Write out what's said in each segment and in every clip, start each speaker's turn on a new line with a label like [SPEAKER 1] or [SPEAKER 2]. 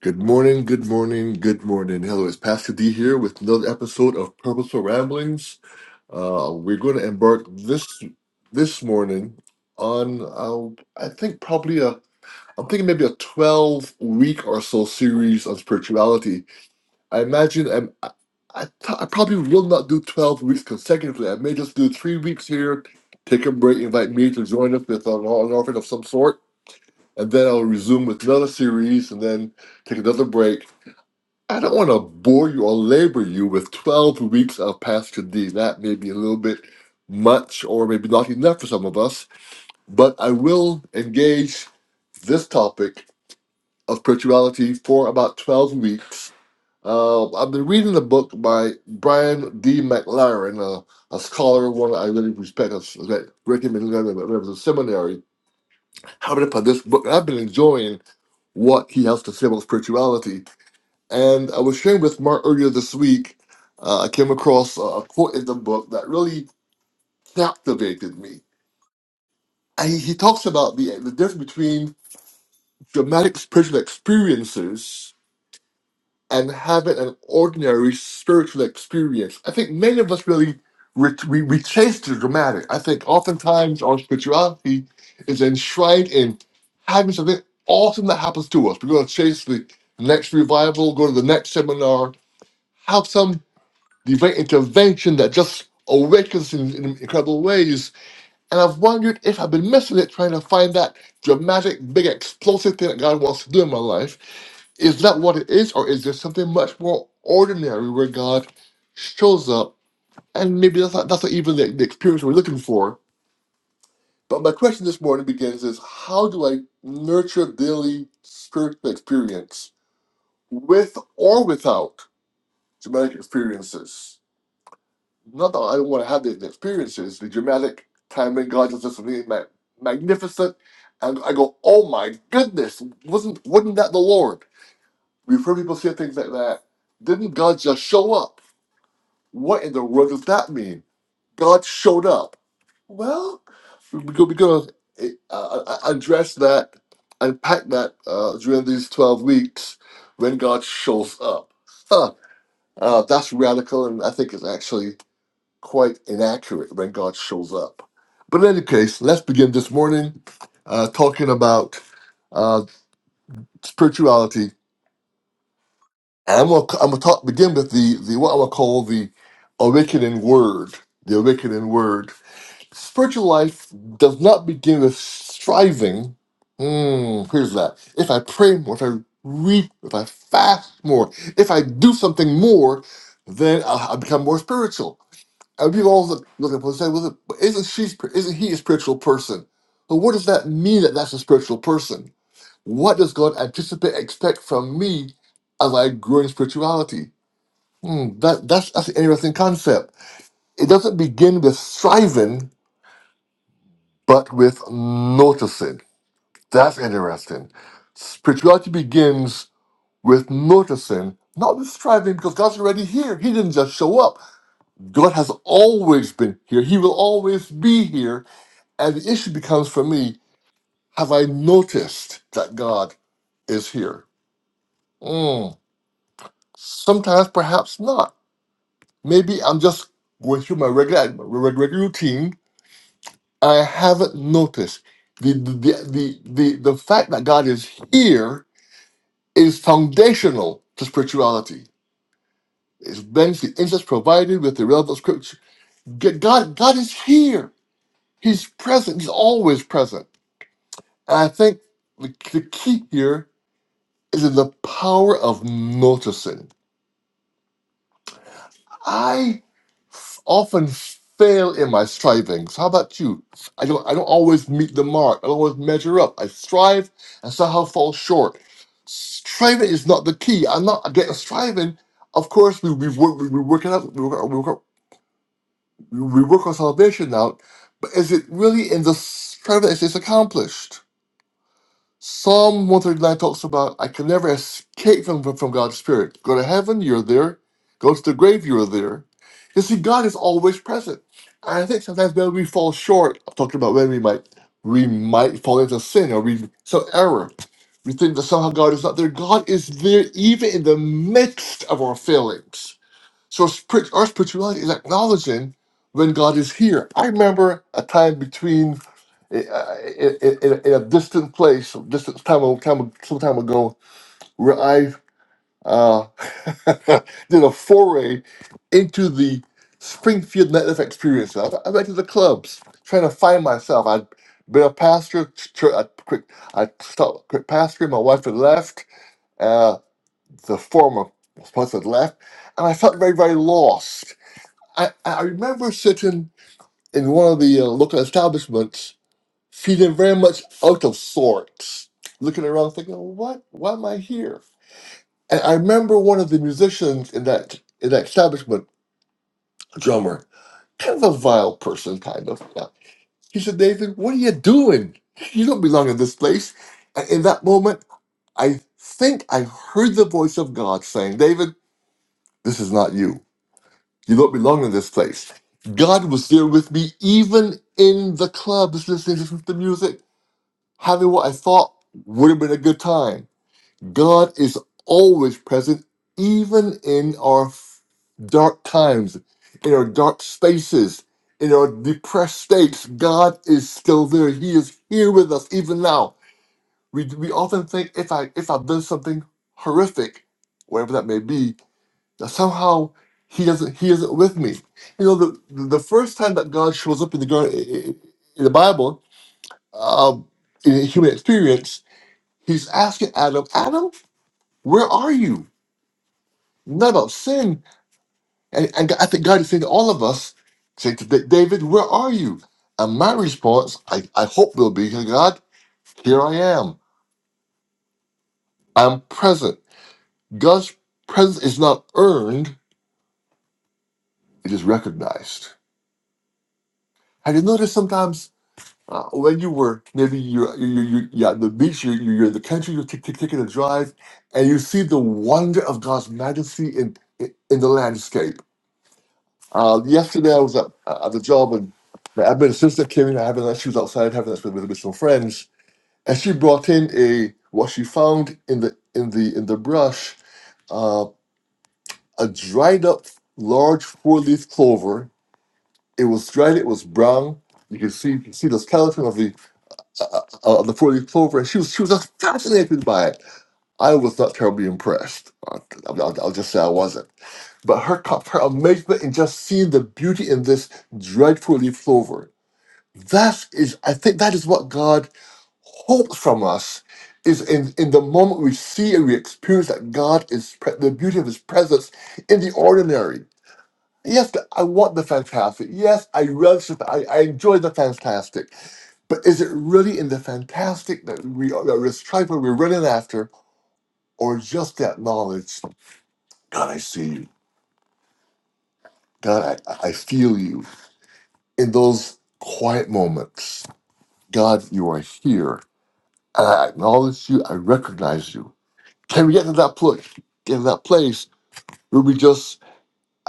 [SPEAKER 1] Good morning, good morning, good morning. Hello, it's Pastor D here with another episode of Purposeful Ramblings. Uh, we're going to embark this this morning on uh, I think probably a I'm thinking maybe a 12 week or so series on spirituality. I imagine I'm, I I th- I probably will not do 12 weeks consecutively. I may just do three weeks here, take a break, invite me to join us with an an offering of some sort, and then I'll resume with another series, and then take another break I don't want to bore you or labor you with 12 weeks of Pastor D. That may be a little bit much or maybe not enough for some of us, but I will engage this topic of spirituality for about 12 weeks. Uh, I've been reading a book by Brian D. McLaren, a, a scholar, one I really respect, I s- I recommended him when I was in seminary. How to put this book, I've been enjoying what he has to say about spirituality. And I was sharing with Mark earlier this week. Uh, I came across a a quote in the book that really captivated me. And he, he talks about the, the difference between dramatic spiritual experiences and having an ordinary spiritual experience. I think many of us really re- we, we chase the dramatic. I think oftentimes our spirituality is enshrined in having something awesome that happens to us. We're going to chase the next revival, go to the next seminar, have some divine intervention that just awakens in, in incredible ways. And I've wondered if I've been missing it trying to find that dramatic, big, explosive thing that God wants to do in my life. Is that what it is, or is there something much more ordinary where God shows up? And maybe that's not, that's not even the, the experience we're looking for. But my question this morning begins is how do I nurture daily spiritual experience with or without dramatic experiences? Not that I don't want to have these experiences, the dramatic time when God does something ma- magnificent, and I go, "Oh my goodness, wasn't wasn't that the Lord?" We've heard people say things like that. Didn't God just show up? What in the world does that mean? God showed up. Well, we're going to uh, uh, uh, address that, unpack that uh, during these 12 weeks when God shows up. Huh. Uh, that's radical, and I think it's actually quite inaccurate when God shows up. But in any case, let's begin this morning uh, talking about uh, spirituality. And I'm gonna, I'm gonna talk, begin with the, the what I would call the awakening word. The awakening word. Spiritual life does not begin with striving. Hmm, here's that. If I pray more, if I read, if I fast more, if I do something more, then I'll, I'll become more spiritual. And people always look, at people and say, well, isn't she, sp- isn't he a spiritual person? But what does that mean that that's a spiritual person? What does God anticipate, expect from me as I grow in spirituality? Hmm, that, that's, that's an interesting concept. It doesn't begin with striving, but with noticing. That's interesting. Spirituality begins with noticing, not with striving, because God's already here. He didn't just show up. God has always been here. He will always be here And the issue becomes for me have I noticed that God is here? Mm. Sometimes, perhaps not. Maybe I'm just going through my regular, reg- regular routine. I haven't noticed. The, the, the, the, the, the fact that God is here is foundational to spirituality. It's brings the insights provided with the relevant scripture. G- God, God is here. He's present. He's always present. And I think the, the key here is in the power of noticing. I f- often fail in my strivings. How about you? I don't. I don't always meet the mark. I don't always measure up. I strive and somehow fall short. Striving is not the key. I'm not against striving. Of course, we we work we, we work it out. We work, we work we work our salvation out. But is it really in the striving that it's accomplished? Psalm 139 talks about, I can never escape from, from God's Spirit. Go to heaven, you're there. Go to the grave, you're there. You see, God is always present. And I think sometimes when we fall short, I'm talking about when we might we might fall into sin or we some error. We think that somehow God is not there. God is there even in the midst of our failings. So spirit- our spirituality is acknowledging when God is here. I remember a time between eh, uh, in, in, in a distant place, some distant time, time some time ago, where I uh, did a foray into the Springfield nightlife experience. I, I went to the clubs trying to find myself. I'd been a pastor, church, I quit, I stopped quit pastoring. My wife had left. Uh, the former spouse had left, and I felt very, very lost I, I remember sitting in one of the uh, local establishments, feeling very much out of sorts, looking around, thinking, "What? Why am I here?" And I remember one of the musicians in that in that establishment, a drummer, kind of a vile person, kind of. Yeah. He said, "Nathan, what are you doing? You don't belong in this place." And in that moment, I think I heard the voice of God saying, "David, this is not you." You don't belong in this place. God was there with me, even in the club, just listening to the music, having what I thought would have been a good time. God is always present, even in our dark times, in our dark spaces, in our depressed states. God is still there. He is here with us even now. We, we often think if I if I've done something horrific, whatever that may be, that somehow he doesn't he isn't with me. You know, the the first time that God shows up in the garden in the Bible, um, in human experience, he's asking Adam, Adam, where are you? Not about sin, and, and I think God is saying to all of us, saying to Da- David, where are you? And my response, I, I hope will be, God, here I am. I'm present. God's presence is not earned; it is recognized. Have you noticed sometimes? Uh, when you were maybe you're you you you at the beach, you you- you're in the country, you're t- t- taking a drive, and you see the wonder of God's majesty in in, in the landscape. Uh, yesterday I was at, uh, at the job and my admin sister came in having that She was outside having that with, with, with some friends, and she brought in a what she found in the in the in the brush uh, a dried up large four leaf clover. It was dried. It was brown. You can see you can see the skeleton uh, uh, on the 40 Clover. She was she was just fascinated by it. I was not terribly impressed. I'll, I'll, I'll just say I wasn't. But her co- her amazement in just seeing the beauty in this dreadful leaf clover. That is, I think, that is what God hopes from us. Is in, in the moment we see and we experience that God is pre- the beauty of His presence in the ordinary. Yes, I want the fantastic. Yes, I relish the. fa- I, I enjoy the fantastic but is it really in the fantastic that we are, that we're striving, for, we're running after, or just that knowledge? God, I see you. God, I, I feel you. In those quiet moments, God, you are here. And I acknowledge you. I recognize you. Can we get to that place? Get to that place where we just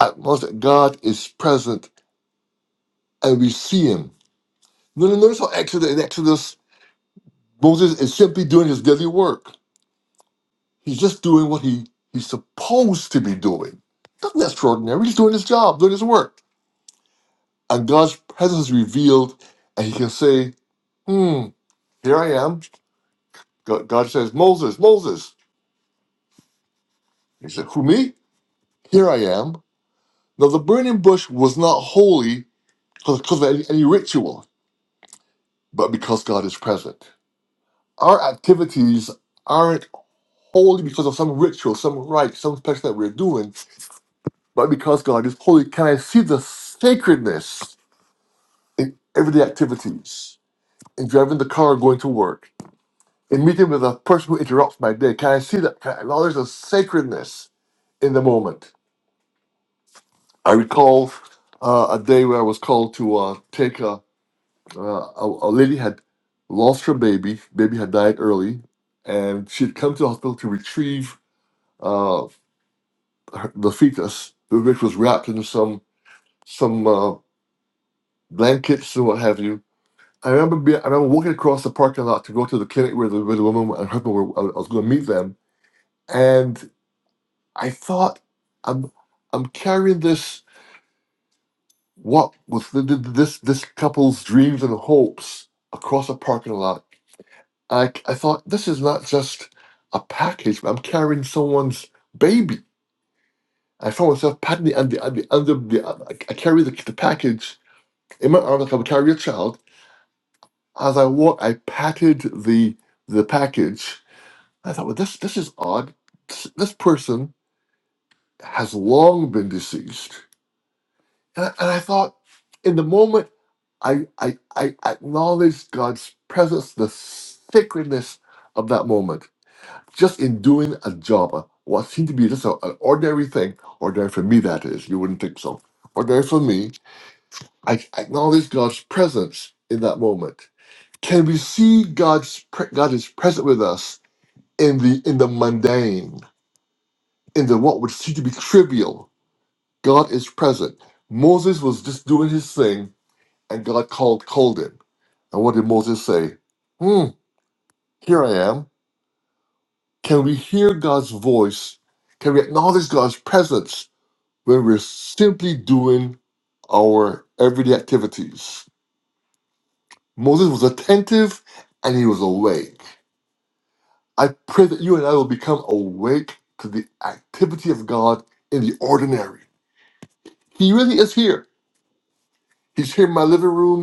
[SPEAKER 1] acknowledge that God is present and we see Him. No, no, notice how Exodus in Exodus, Moses is simply doing his daily work. He's just doing what he, he's supposed to be doing. Nothing extraordinary. He's doing his job, doing his work. And God's presence is revealed, and he can say, Hmm, here I am. God, God says, Moses, Moses. He said, Who, me? Here I am. Now, the burning bush was not holy because of any, any ritual, but because God is present. Our activities aren't holy because of some ritual, some rite, some special that we're doing, but because God is holy. Can I see the sacredness? in everyday activities, in driving the car, going to work, in meeting with a person who interrupts my day. Can I see that? Can I acknowledge the sacredness in the moment? I recall uh, a day where I was called to uh, take a, uh, a a lady had lost her baby. Baby had died early, and she had come to the hospital to retrieve uh, her, the fetus, which was wrapped in some some uh, blankets and what have you I remember being, I remember walking across the parking lot to go to the clinic where the, where the woman and husband were. I was going to meet them, and I thought, I'm I'm carrying this what was the, the, this this couple's dreams and hopes across a parking lot. I I thought this is not just a package. but I'm carrying someone's baby. I found myself patting the under the under the. I I carry the, the package in my arms like I would carry a child. As I walked, I patted the the package I thought, well, this this is odd. This, this person has long been deceased, and I, and I thought, in the moment, I I I acknowledged God's presence, the sacredness of that moment, just in doing a job, uh, what seemed to be just a, an ordinary thing, ordinary for me that is. You wouldn't think so. Ordinary for me, I acknowledged God's presence in that moment. Can we see God's pre- God is present with us in the in the mundane? in the what would seem to be trivial, God is present. Moses was just doing his thing, and God called called him. And what did Moses say? Hmm, here I am. Can we hear God's voice? Can we acknowledge God's presence when we're simply doing our everyday activities? Moses was attentive and he was awake. I pray that you and I will become awake to the activity of God in the ordinary. He really is here. He's here in my living room.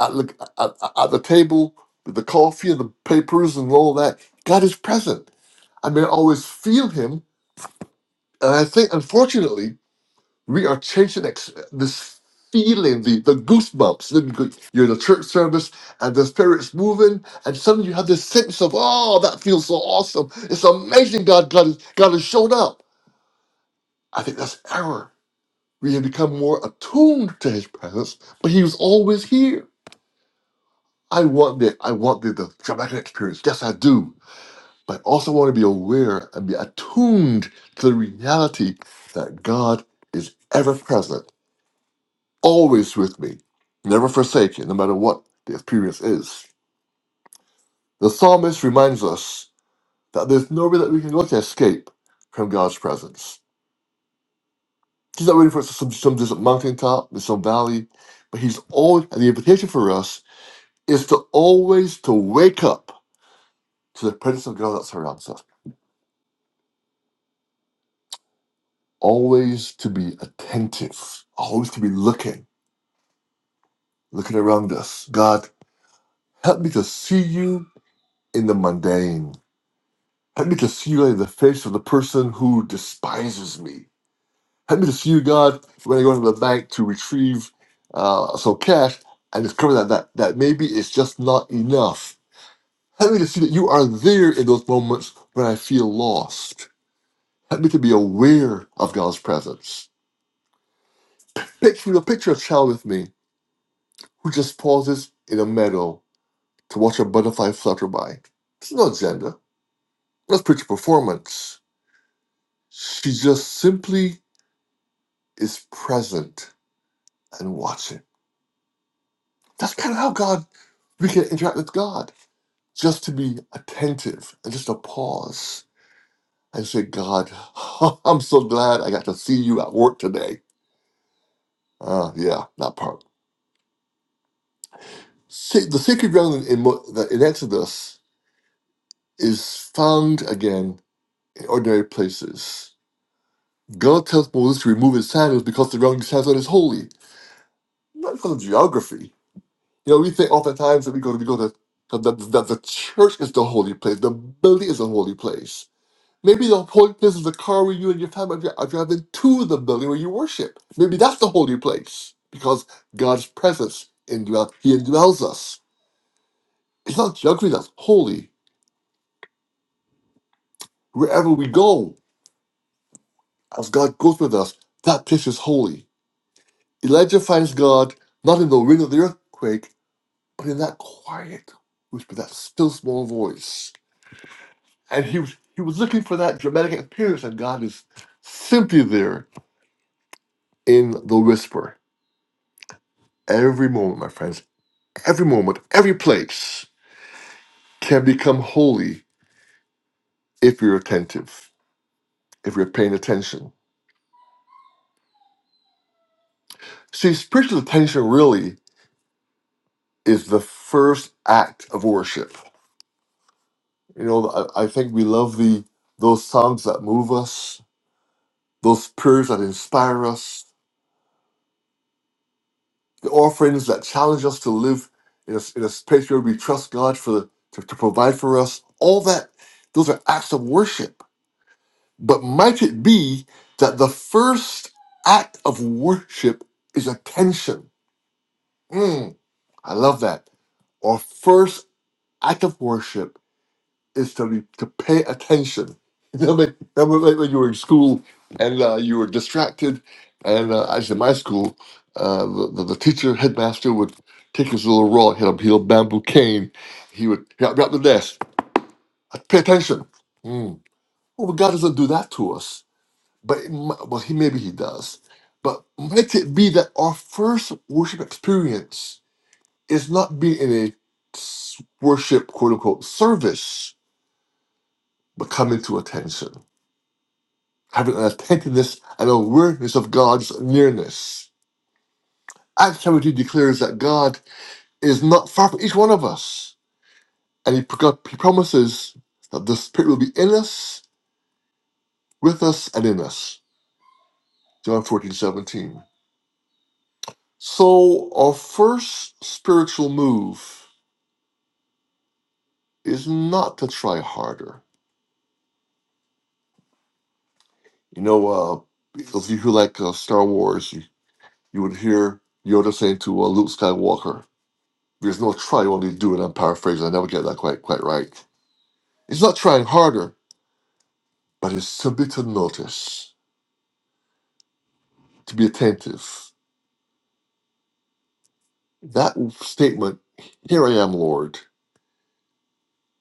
[SPEAKER 1] at, the at, at the table with the coffee and the papers and all that. God is present. I mean, I always feel Him. And I think, unfortunately, we are chasing ex- this feeling, the, the goosebumps. Then you go- You're in a church service and the Spirit's moving, and suddenly you have this sense of, oh, that feels so awesome. It's amazing God, God, is, God has shown up. I think that's error. We have become more attuned to His presence, but He was always here. I want that. I want the, the dramatic experience. Yes, I do. But I also want to be aware and be attuned to the reality that God is ever present, always with me, never forsaken, no matter what the experience is. The psalmist reminds us that there's no way that we can go to escape from God's presence. He's not waiting for us at some, some distant mountaintop in some valley, but he's always, and the invitation for us is to always to wake up to the presence of God that surrounds us. always to be attentive, always to be looking, looking around us. God, help me to see you in the mundane. Help me to see you in the face of the person who despises me. Help me to see you, God, when I go into the bank to retrieve uh, some cash and discover that, that that maybe it's just not enough. Help me to see that you are there in those moments when I feel lost. Help me to be aware of God's presence. Picture, you know, picture a child with me who just pauses in a meadow to watch a butterfly flutter by. There's no agenda. Let's preach performance. She just simply is present and watching. That's kind of how God we can interact with God. Just to be attentive and just to pause and say, God, I'm so glad I got to see you at work today. Uh, yeah, that part. Sa- the sacred ground in, in, Mo- that in Exodus is found again in ordinary places God tells Moses to remove his sandals because the ground he stands on is holy. Not because of geography. You know, we think oftentimes that we go to, we go to that, that that the church is the holy place, the building is the holy place. Maybe the holy place is the car where you and your family are dri- are driving to the building where you worship. Maybe that's the holy place because God's presence indwells, He indwells us. It's not geography that's holy. Wherever we go, as God goes with us, that place is holy. Elijah finds God not in the wind of the earthquake, but in that quiet whisper, that still small voice. And he was he was looking for that dramatic appearance, and God is simply there in the whisper. Every moment, my friends, every moment, every place can become holy if you're attentive, if you're paying attention. See, spiritual attention really is the first act of worship. You know, I, I think we love the those songs that move us, those prayers that inspire us, the offerings that challenge us to live in a, in a space where we trust God for the, to, to provide for us, all that, those are acts of worship. But might it be that the first act of worship is attention? Mm, I love that. Our first act of worship is to be, to pay attention. You know, like, remember like when you were in school and uh, you were distracted, and uh, actually in my school, uh, the, the the teacher headmaster would take his little rod, he had a, he had a bamboo cane, he would grab grab the desk, "Uh, pay attention. Mm. Well, God doesn't do that to us, but it, mi- well, he maybe he does. But might it be that our first worship experience is not being in a s- worship quote unquote service, but coming to attention? having an attentiveness and awareness of God's nearness. Acts 17 declares that God is not far from each one of us, and He, pro- he promises that the Spirit will be in us, with us, and in us. John 14 17. So, our first spiritual move is not to try harder. You know, uh, those of you who like uh, Star Wars, you, you would hear Yoda saying to uh, Luke Skywalker, There's no try, only do it. I'm paraphrasing, I never get that quite quite right. He's not trying harder, but it's simply to notice, to be attentive. That statement, "Here I am, Lord,"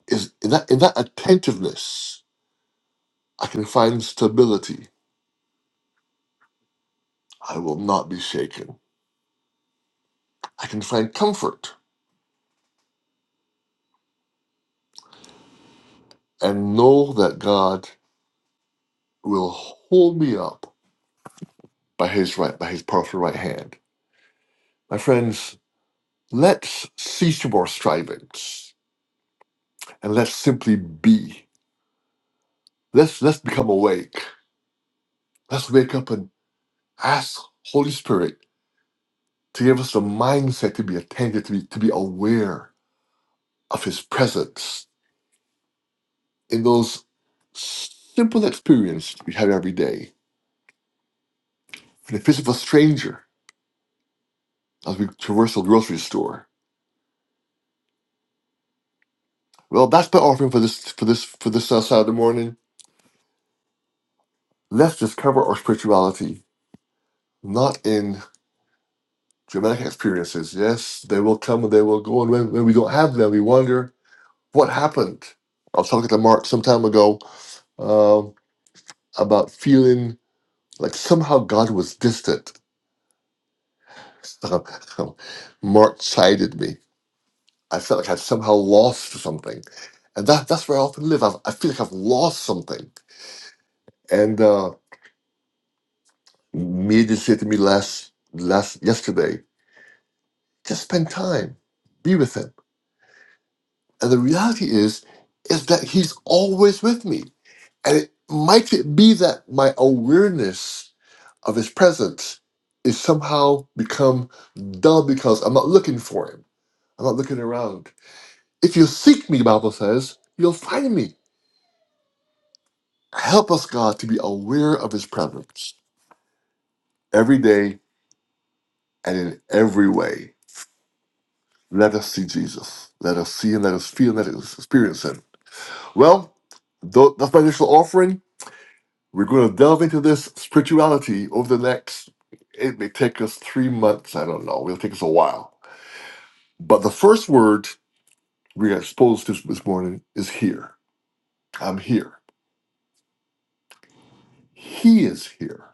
[SPEAKER 1] is in that in that attentiveness, I can find stability. I will not be shaken. I can find comfort and know that God will hold me up by His right, by His powerful right hand. My friends, let's cease from our strivings and let's simply be. Let's let's become awake. Let's wake up and ask Holy Spirit. to give us the mindset to be attentive, to be, to be aware of His presence in those simple experiences we have every day. In the face of a stranger as we traverse a grocery store. Well, that's my offering for this for this for this uh, Saturday morning. Let's discover our spirituality, not in dramatic experiences. Yes, they will come and they will go, and when, when we don't have them, we wonder what happened. I was talking to Mark some time ago um, about feeling like somehow God was distant Mark chided me. I felt like I'd somehow lost something. And that, that's where I often live. i I feel like I've lost something. And uh, Mia said to me last, last yesterday, just spend time, be with him. And the reality is, is that he's always with me. And it might it be that my awareness of his presence is somehow become dull because I'm not looking for him. I'm not looking around. If you seek me, the Bible says, you'll find me. Help us, God, to be aware of his presence every day and in every way. Let us see Jesus. Let us see him. Let us feel him. Let us experience him. Well, tho- that's my initial offering. We're going to delve into this spirituality over the next, it may take us three months. I don't know. It'll take us a while. But the first word we are exposed to this morning is here. I'm here. He is here.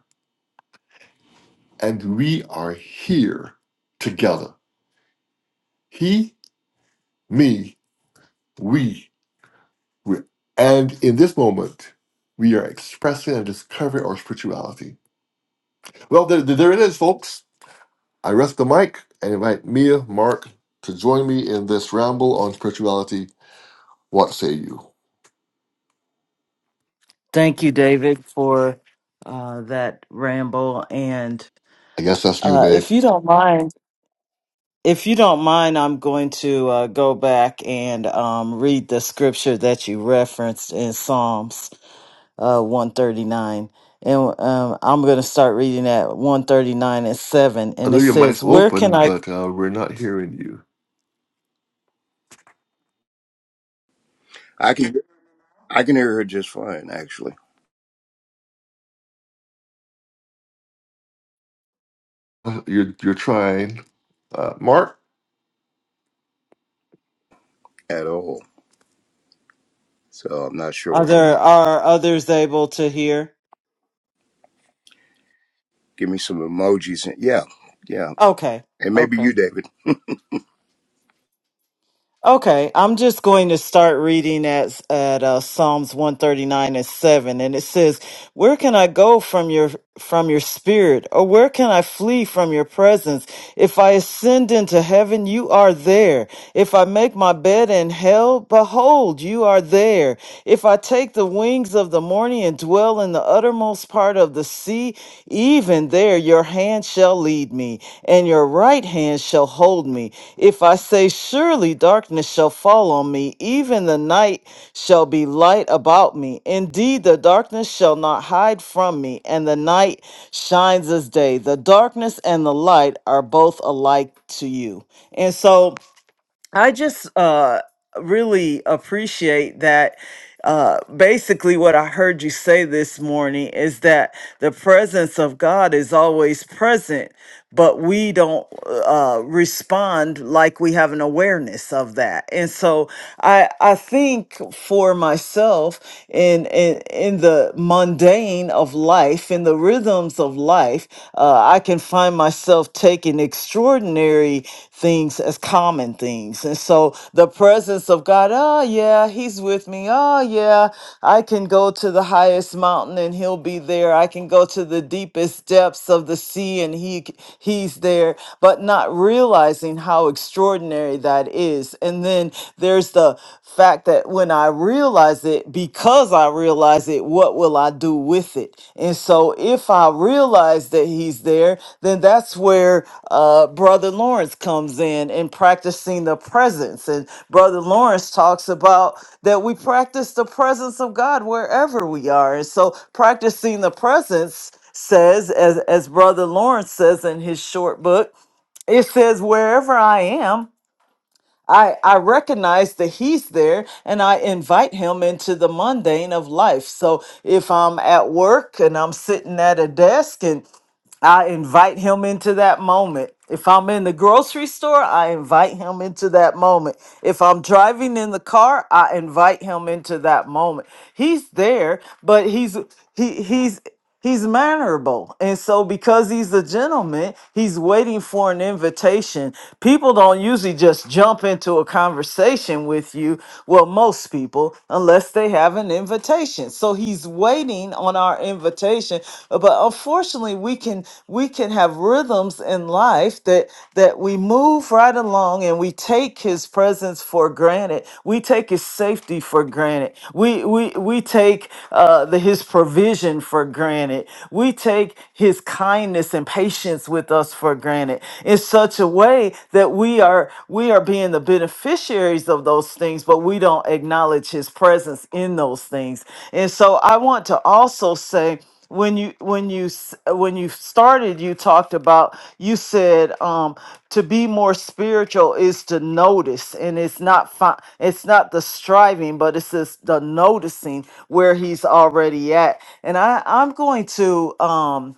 [SPEAKER 1] and we are here together. He, me, we, we. And in this moment, we are expressing and discovering our spirituality. Well, there, there it is, folks. I rest the mic and invite Mia, Mark, to join me in this ramble on spirituality. What say you?
[SPEAKER 2] Thank you, David, for uh, that ramble. And
[SPEAKER 1] I guess that's you,
[SPEAKER 2] uh,
[SPEAKER 1] babe.
[SPEAKER 2] if you don't mind, if you don't mind, I'm going to uh, go back and um, read the scripture that you referenced in Psalms uh, 139. And um, I'm going to start reading at 139 and 7.
[SPEAKER 1] I
[SPEAKER 2] And
[SPEAKER 1] know
[SPEAKER 2] it
[SPEAKER 1] your mic's
[SPEAKER 2] says, Where can
[SPEAKER 1] open,
[SPEAKER 2] I?
[SPEAKER 1] but uh, we're not hearing you.
[SPEAKER 3] I can I can hear her just fine, actually,
[SPEAKER 1] Uh, You're, you're trying. Uh, Mark?
[SPEAKER 3] at all. So I'm not sure
[SPEAKER 2] Are
[SPEAKER 3] what.
[SPEAKER 2] there are others able to hear?
[SPEAKER 3] Give me some emojis. And, yeah, yeah,
[SPEAKER 2] Okay.
[SPEAKER 3] and maybe
[SPEAKER 2] Okay.
[SPEAKER 3] you, David.
[SPEAKER 2] Okay, I'm just going to start reading at at uh, Psalms 139 and 7 and it says, "Where can I go from your from your spirit or where can I flee from your presence? If I ascend into heaven, you are there. If I make my bed in hell, behold, you are there. If I take the wings of the morning and dwell in the uttermost part of the sea, even there your hand shall." shall lead me, and your right hand shall hold me. If I say, Surely darkness shall fall on me, even the night shall be light about me. Indeed, the darkness shall not hide from me, and the night shines as day. The darkness and the light are both alike to you. And so, I just uh, really appreciate that. Uh, basically, what I heard you say this morning is that the presence of God is always present, but we don't uh, respond like we have an awareness of that. And so, I I think for myself in in, in the mundane of life, in the rhythms of life, uh, uh, I can find myself taking extraordinary things as common things. And so the presence of God, oh, yeah, He's with me. Oh, yeah, I can go to the highest mountain and He'll be there. I can go to the deepest depths of the sea and he, He's there, but not realizing how extraordinary that is. And then there's the fact that when I realize, realize it because I realize it, what will I do with it? And so if I realize that he's there, then that's where uh, Brother Lawrence comes in and practicing the presence. And Brother Lawrence talks about that we practice the presence of God wherever we are. And so practicing the presence says, as, as Brother Lawrence says in his short book, it says, wherever I am, I, I recognize that he's there and I invite him into the mundane of life. So if I'm at work and I'm sitting at a desk and I invite him into that moment. If I'm in the grocery store, I invite him into that moment. If I'm driving in the car, I invite him into that moment. He's there, but he's he he's He's mannerable. And so, because he's a gentleman, he's waiting for an invitation. People don't usually just jump into a conversation with you. Well, most people, unless they have an invitation. So he's waiting on our invitation. But unfortunately, we can we can have rhythms in life that that we move move right along and we take his presence for granted. We take his safety for granted. We we we take uh the, his provision for granted. We take his kindness and patience with us for granted in such a way that we are we are being the beneficiaries of those things, but we don't acknowledge his presence in those things. And so I want to also say when you when you s- when you started you talked about you said um to be more spiritual is to notice and it's not fi- it's not the striving but it's just the noticing where he's already at and i i'm going to um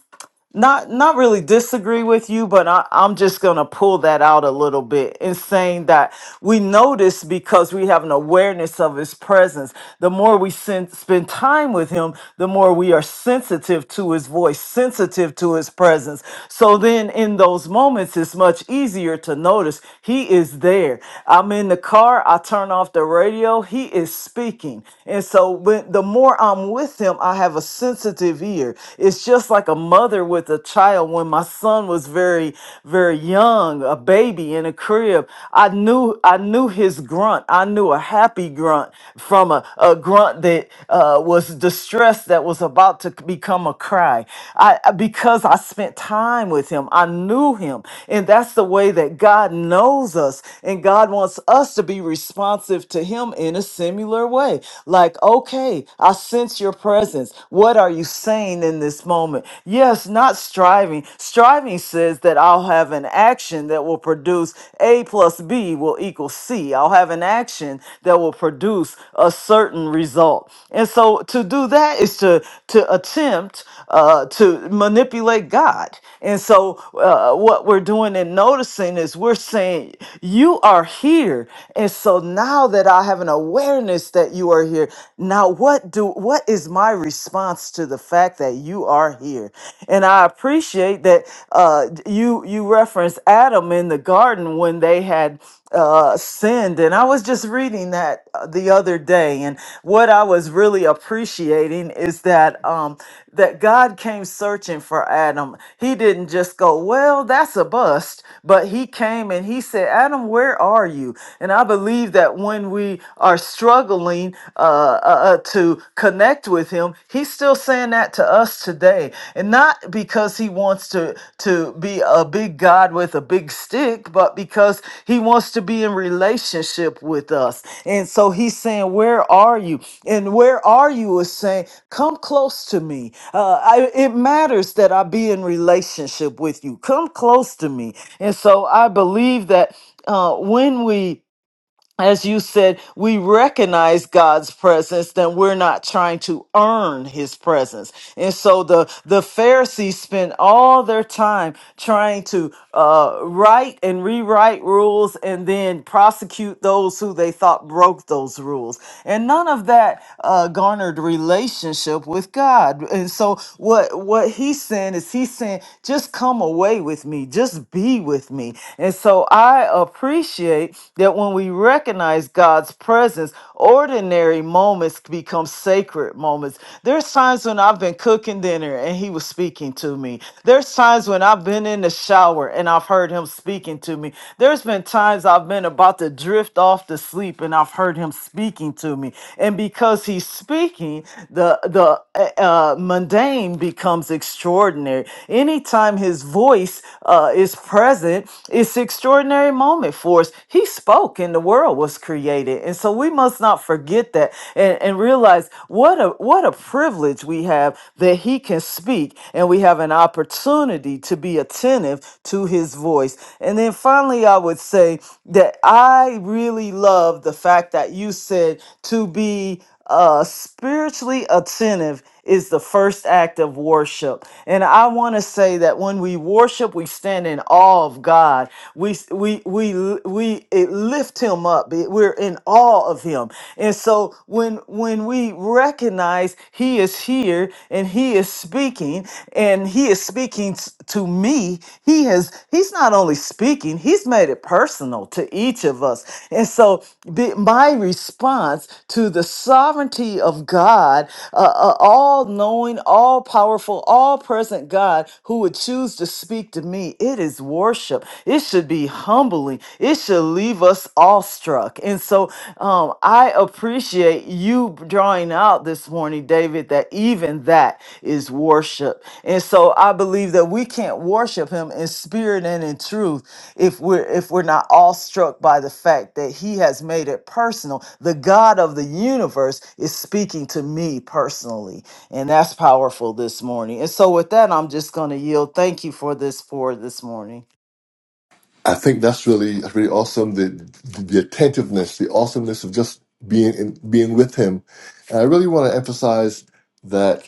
[SPEAKER 2] not not really disagree with you but I, i'm just going to pull that out a little bit in saying that we notice because we have an awareness of his presence the more we sen- spend time with him the more we are sensitive to his voice sensitive to his presence so then in those moments it's much easier to notice he is there i'm in the car i turn off the radio he is speaking and so when the more i'm with him i have a sensitive ear here. It's just like a mother with a child. When my son was very, very young, a baby in a crib, I knew I knew his grunt. I knew a happy grunt from a, a grunt that uh, was distressed that was about to become a cry. I I- because I spent time with him, I knew him, and that's the way that God knows us, and God wants us to be responsive to Him in a similar way. Like, okay, I sense your presence presence. What are you saying in this moment? Yes, not striving. Striving says that I'll have an action that will produce A plus B will equal C. I'll have an action that will produce a certain result. And so to do that is to to attempt uh, to manipulate God. And so uh, what we're doing and noticing is we're saying you are here. And so now that I have an awareness that you are here, here. Now, what do what is my response to the fact that you are here? And I appreciate that uh, you you referenced Adam in the garden when they had uh, sinned, and I was just reading that uh, the other day, and what I was really appreciating is that um, that God came searching for Adam. He didn't just go, well, that's a bust, but he came and he said, Adam, where are you? And I believe that when we are struggling uh, uh, uh, to connect with him, he's still saying that to us today. And not because he wants to, to be a big God with a big stick, but because he wants to be in relationship with us. And so he's saying, Where are you? And where are you is saying, Come close to me. Uh, I, it matters that I be in relationship with you. Come close to me. And so I believe that uh, when we as you said, we recognize God's presence, then we're not trying to earn his presence. And so the, the Pharisees spent all their time trying to uh, write and rewrite rules and then prosecute those who they thought broke those rules. And none of that uh, garnered relationship with God. And so what, what he's saying is he's saying, just come away with me. Just be with me. And so I appreciate that when we recognize God's presence, ordinary moments become sacred moments. There's times when I've been cooking dinner and He was speaking to me. There's times when I've been in the shower and I've heard Him speaking to me. There's been times I've been about to drift off to sleep and I've heard Him speaking to me. And because He's speaking, the the uh, uh, uh, mundane becomes extraordinary. Anytime his voice uh, is present, it's extraordinary moment for us. He spoke and the world was created. And so we must not forget that and, and realize what a what a privilege we have that he can speak and we have an opportunity to be attentive to his voice. And then finally I would say that I really love the fact that you said to be uh, spiritually attentive is the first act of worship. And I want to say that when we worship, we stand in awe of God. We we we we it lift him up. It- We're in awe of him. And so when when we recognize he is here and he is speaking and he is speaking s- to me, he has he's not only speaking, he's made it personal to each each of us. And so, be, my response to the sovereignty of God, uh, uh, all knowing, all powerful, all present God who would choose to speak to me, it is worship. It should be humbling, it should leave us awestruck. And so, um, I appreciate you drawing out this morning, David, that even that is worship. And so, I believe that we can't worship Him in spirit and in truth if we're if we're not awestruck by the fact that he has made it personal the god of the universe is speaking to me personally and that's powerful this morning and so with that i'm just going to yield thank you for this for this morning
[SPEAKER 1] I think that's really that's really awesome. The the the attentiveness, the awesomeness of just being in, being with him. And I really want to emphasize that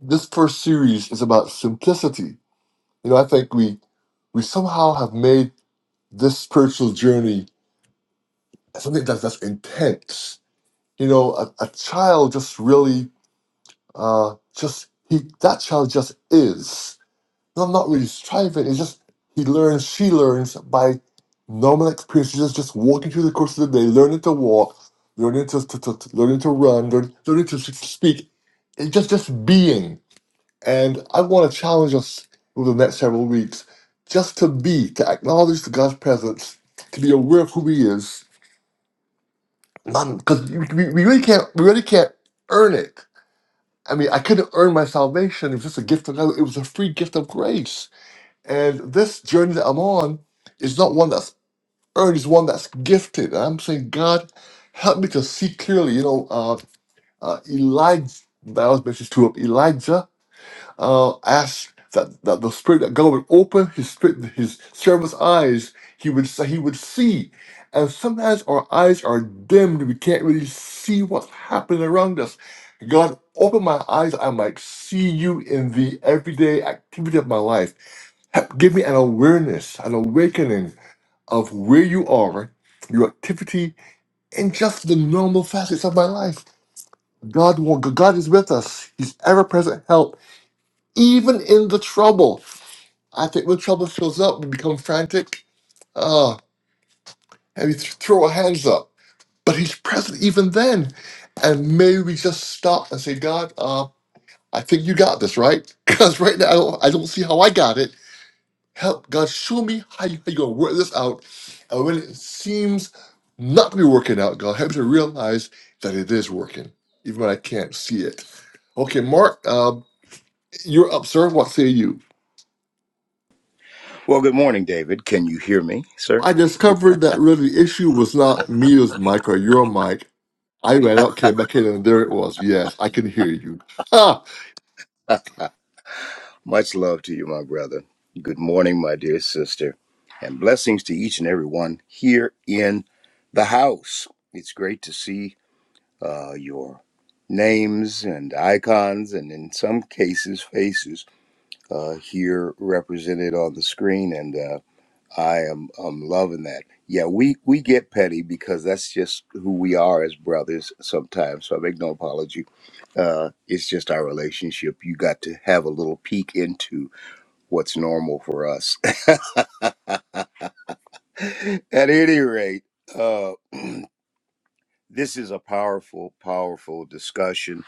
[SPEAKER 1] this first series is about simplicity. You know, I think we we somehow have made this spiritual journey something that's that's intense. You know, a, a child just really uh just he that child just is. No, I'm not really striving. It's just he learns, she learns by normal experiences, just, just walking through the course of the day, learning to walk, learning to, to, to, to- learning to run, learn, learning to s- speak. It's just just being. And I want to challenge us over the next several weeks just to be, to acknowledge the God's presence, to be aware of who He is. Because we, we we really can't, we really can't earn it. I mean, I couldn't earn my salvation. It was just a gift of God. It was a free gift of grace and this journey that I'm on is not one that's earned, it's one that's gifted. And I'm saying, God, help me to see clearly. You know, uh, uh, Elijah, that was message two of Elijah, uh, asked that, that the Spirit, that God would open his spirit, his servant's eyes, he would, he would see. And sometimes our eyes are dimmed, we can't really see what's happening around us. God, open my eyes, I might see you in the everyday activity of my life. Ha- Give me an awareness, an awakening of where you are, your activity, and just the normal facets of my life. God, will- God is with us. He's ever-present help, even in the trouble. I think when trouble shows up, we become frantic, uh, and we th- throw our hands up. But He's present even then. And may we just stop and say, God, uh, I think you got this, right? Because right now I don't, I don't see how I got it Help God show me how, you, how you're gonna work this out. And when it seems not to be working out, God help me to realize that it is working, even when I can't see it. Okay, Mark, um, you're up, sir. What say you?
[SPEAKER 3] Well, good morning, David. Can you hear me, sir?
[SPEAKER 1] I discovered that really the issue was not me, it was Mike or your mic. I ran out, came back in, and there it was. Yes, I can hear you. Ah,
[SPEAKER 3] Much love to you, my brother. Good morning, my dear sister, and blessings to each and every one here in the house. It's great to see uh, your names and icons, and in some cases, faces uh, here represented on the screen. I am I'm loving that. Yeah, we we get petty because that's just who we are as brothers sometimes. So I make no apology. Uh, it's just our relationship. You got to have a little peek into what's normal for us. At any rate, uh, this is a powerful, powerful discussion.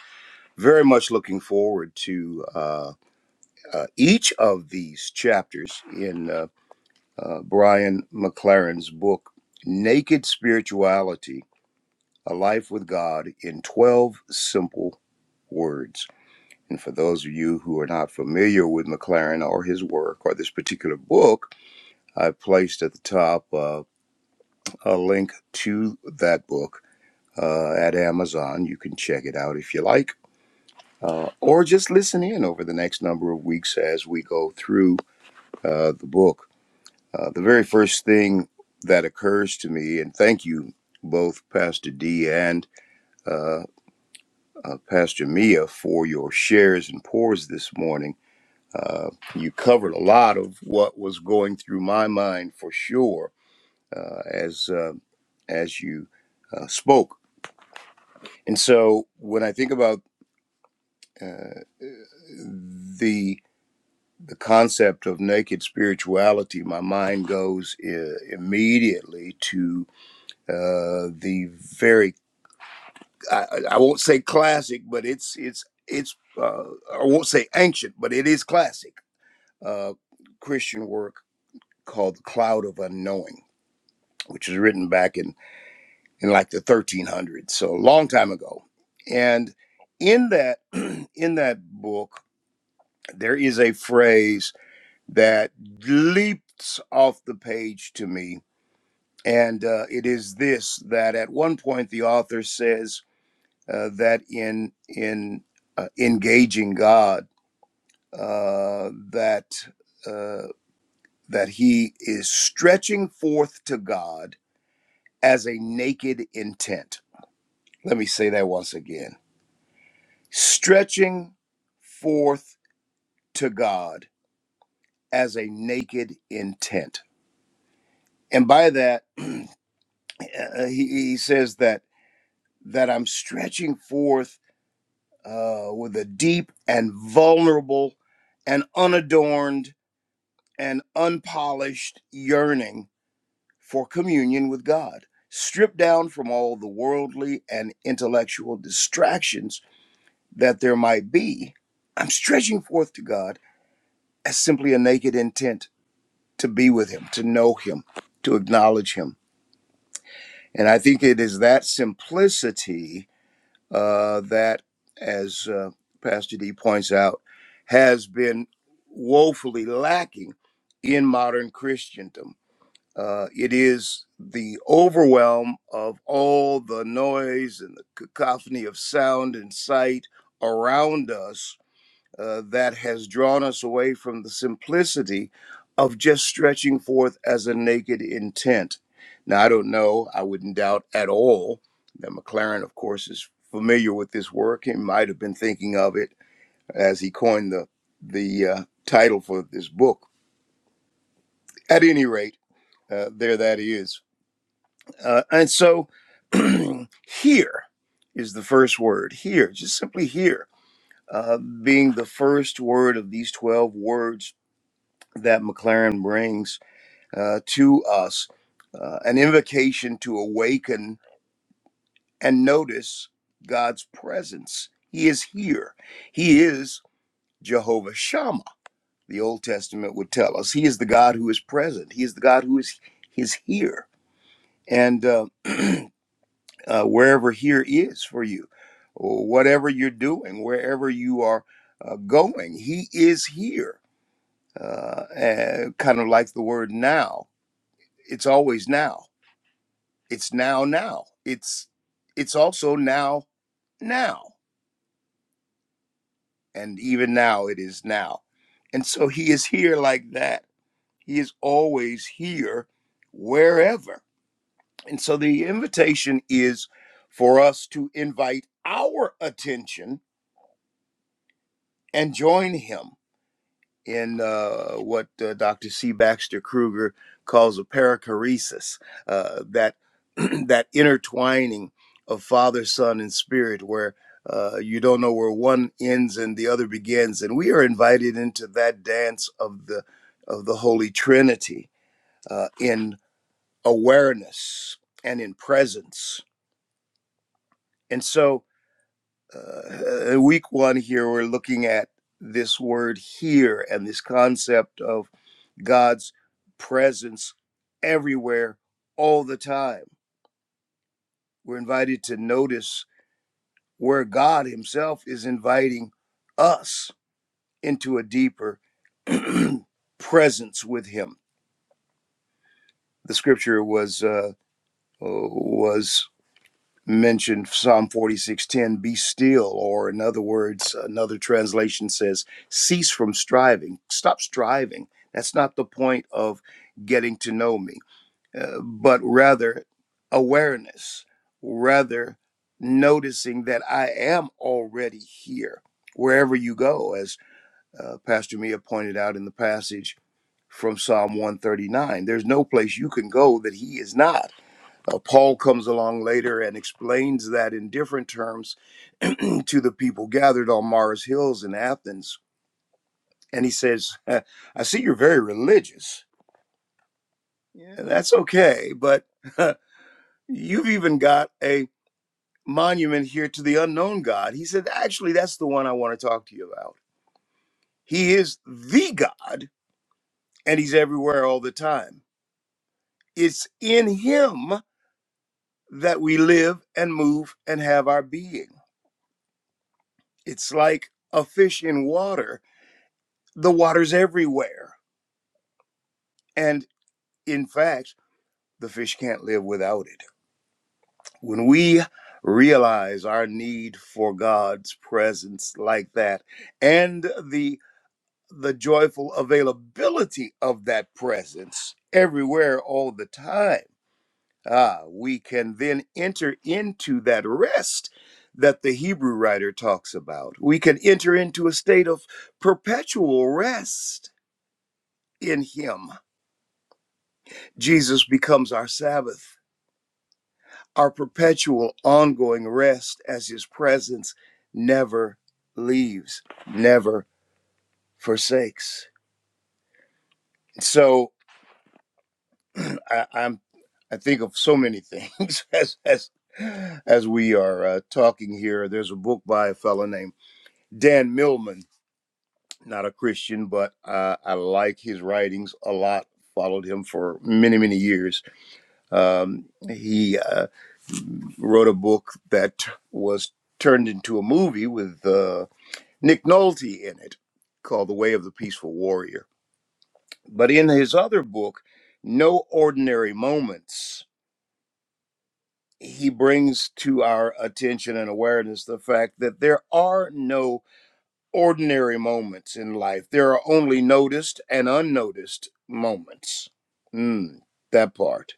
[SPEAKER 3] Very much looking forward to uh, uh, each of these chapters in uh, uh, Brian McLaren's book, Naked Spirituality A Life with God in 12 Simple Words. And for those of you who are not familiar with McLaren or his work or this particular book, I've placed at the top uh, a link to that book uh, at Amazon. You can check it out if you like, uh, or just listen in over the next number of weeks as we go through uh, the book. Uh, the very first thing that occurs to me, and thank you both, Pastor D and uh, uh, Pastor Mia, for your shares and pours this morning. Uh, you covered a lot of what was going through my mind for sure uh, as uh, as you uh, spoke. And so when I think about uh, the the concept of naked spirituality, my mind goes uh, immediately to uh, the very I, I won't say classic, but it's it's it's uh, I won't say ancient, but it is classic uh, Christian work called The Cloud of Unknowing, which was written back in, in like the 1300s, so a long time ago. And in that in that book, there is a phrase that leaps off the page to me, and uh, it is this: that at one point the author says uh, that in in uh, engaging God, uh, that. uh, that he is stretching forth to God as a naked intent. Let me say that once again stretching forth to God as a naked intent. And by that, he, he says that that I'm stretching forth uh, with a deep and vulnerable and unadorned and unpolished yearning for communion with God, stripped down from all the worldly and intellectual distractions that there might be. I'm stretching forth to God as simply a naked intent to be with Him, to know Him, to acknowledge Him. And I think it is that simplicity uh, that, as uh, Pastor D points out, has been woefully lacking in modern Christendom Uh, it is the overwhelm of all the noise and the cacophony of sound and sight around us uh, that has drawn us away from the simplicity of just stretching forth as a naked intent. Now, I don't know, I wouldn't doubt at all that McLaren, of course, is familiar with this work. He might have been thinking of it as he coined the, the uh, title for this book. At any rate, uh, there that is. Uh, and so here is the first word here, just simply here, uh, being the first word of these 12 words that McLaren brings uh, to us uh, an invocation to awaken and notice God's presence. He is here. He is Jehovah Shammah, the Old Testament would tell us. He is the God who is present, He is the God who is, is here. And uh, uh, wherever here is for you, or whatever you're doing, wherever you are uh, going. He is here. Uh, and kind of like the word now. It's always now. It's now now. It's it's also now now. And even now it is now. And so he is here like that. He is always here wherever. And so the invitation is for us to invite our attention and join him in uh, what uh, Dr. C. Baxter Kruger calls a perichoresis, uh, that that intertwining of Father, Son, and Spirit, where uh, you don't know where one ends and the other begins, and we are invited into that dance of the of the Holy Trinity uh, in awareness and in presence. And so, uh, uh, week one here, we're looking at this word here and this concept of God's presence everywhere all the time. We're invited to notice where God Himself is inviting us into a deeper presence with Him. The scripture was uh, uh, was mentioned Psalm forty six ten. Be still, or in other words, another translation says, cease from striving. Stop striving. That's not the point of getting to know me uh, but rather awareness, rather noticing that I am already here wherever you go, as uh, Pastor Mia pointed out in the passage from Psalm 139. There's no place you can go that he is not. Uh, Paul comes along later and explains that in different terms to the people gathered on Mars Hills in Athens. And he says, "Uh, I see you're very religious. Yeah, that's okay, but you've even got a monument here to the unknown God. He said, actually, that's the one I want to talk to you about. He is the God, and He's everywhere all the time. It's in Him that we live and move and have our being. It's like a fish in water, the water's everywhere. And in fact, the fish can't live without it. When we realize our need for God's presence like that, and the the joyful availability of that presence everywhere all the time, ah, we can then enter into that rest that the Hebrew writer talks about. We can enter into a state of perpetual rest in Him. Jesus becomes our Sabbath, our perpetual ongoing rest as His presence never leaves, never forsakes. So, I, I'm I think of so many things as as as we are uh, talking here. There's a book by a fellow named Dan Millman, not a Christian, but uh, I like his writings a lot. Followed him for many many years. Um, he uh, wrote a book that was turned into a movie with uh, Nick Nolte in it, called The Way of the Peaceful Warrior. But in his other book, No Ordinary Moments he brings to our attention and awareness the fact that there are no ordinary moments in life. There are only noticed and unnoticed moments. Mm, that part.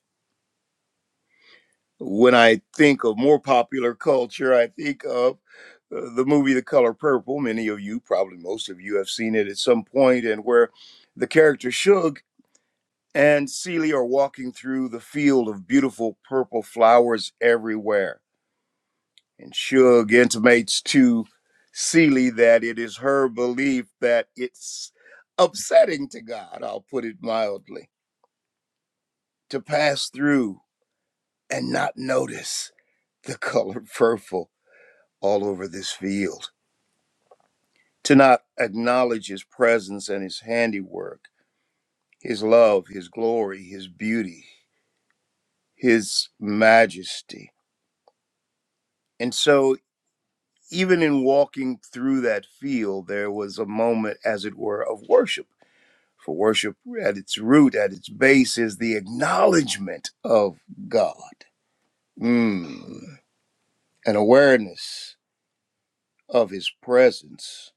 [SPEAKER 3] When I think of more popular culture, I think of uh, the movie The Color Purple. Many of you, probably most of you, have seen it at some point, and where the character Shug and Celie are walking through the field of beautiful purple flowers everywhere And Shug intimates to Seeley that it is her belief that it's upsetting to God, I'll put it mildly, to pass through and not notice the color purple all over this field, to not acknowledge his presence and his handiwork, his love, his glory, his beauty, his majesty. And so, even in walking through that field, there was a moment, as it were, of worship For worship at its root, at its base, is the acknowledgement of God, mm. an awareness of His presence.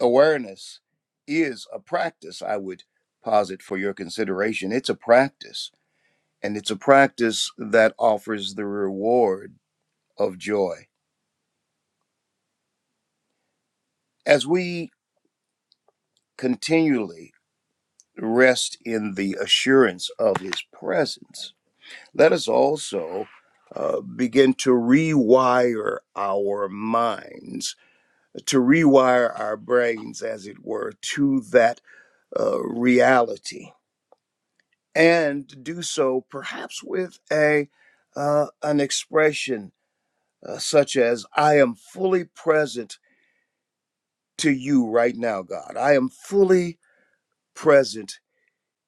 [SPEAKER 3] Awareness is a practice, I would posit for your consideration. It's a practice, and it's a practice that offers the reward of joy. As we continually rest in the assurance of His presence, Let us also uh, begin to rewire our minds, to rewire our brains, as it were, to that uh, reality, and do so perhaps with a uh, an expression uh, such as "I am fully present to you right now, God. I am fully present."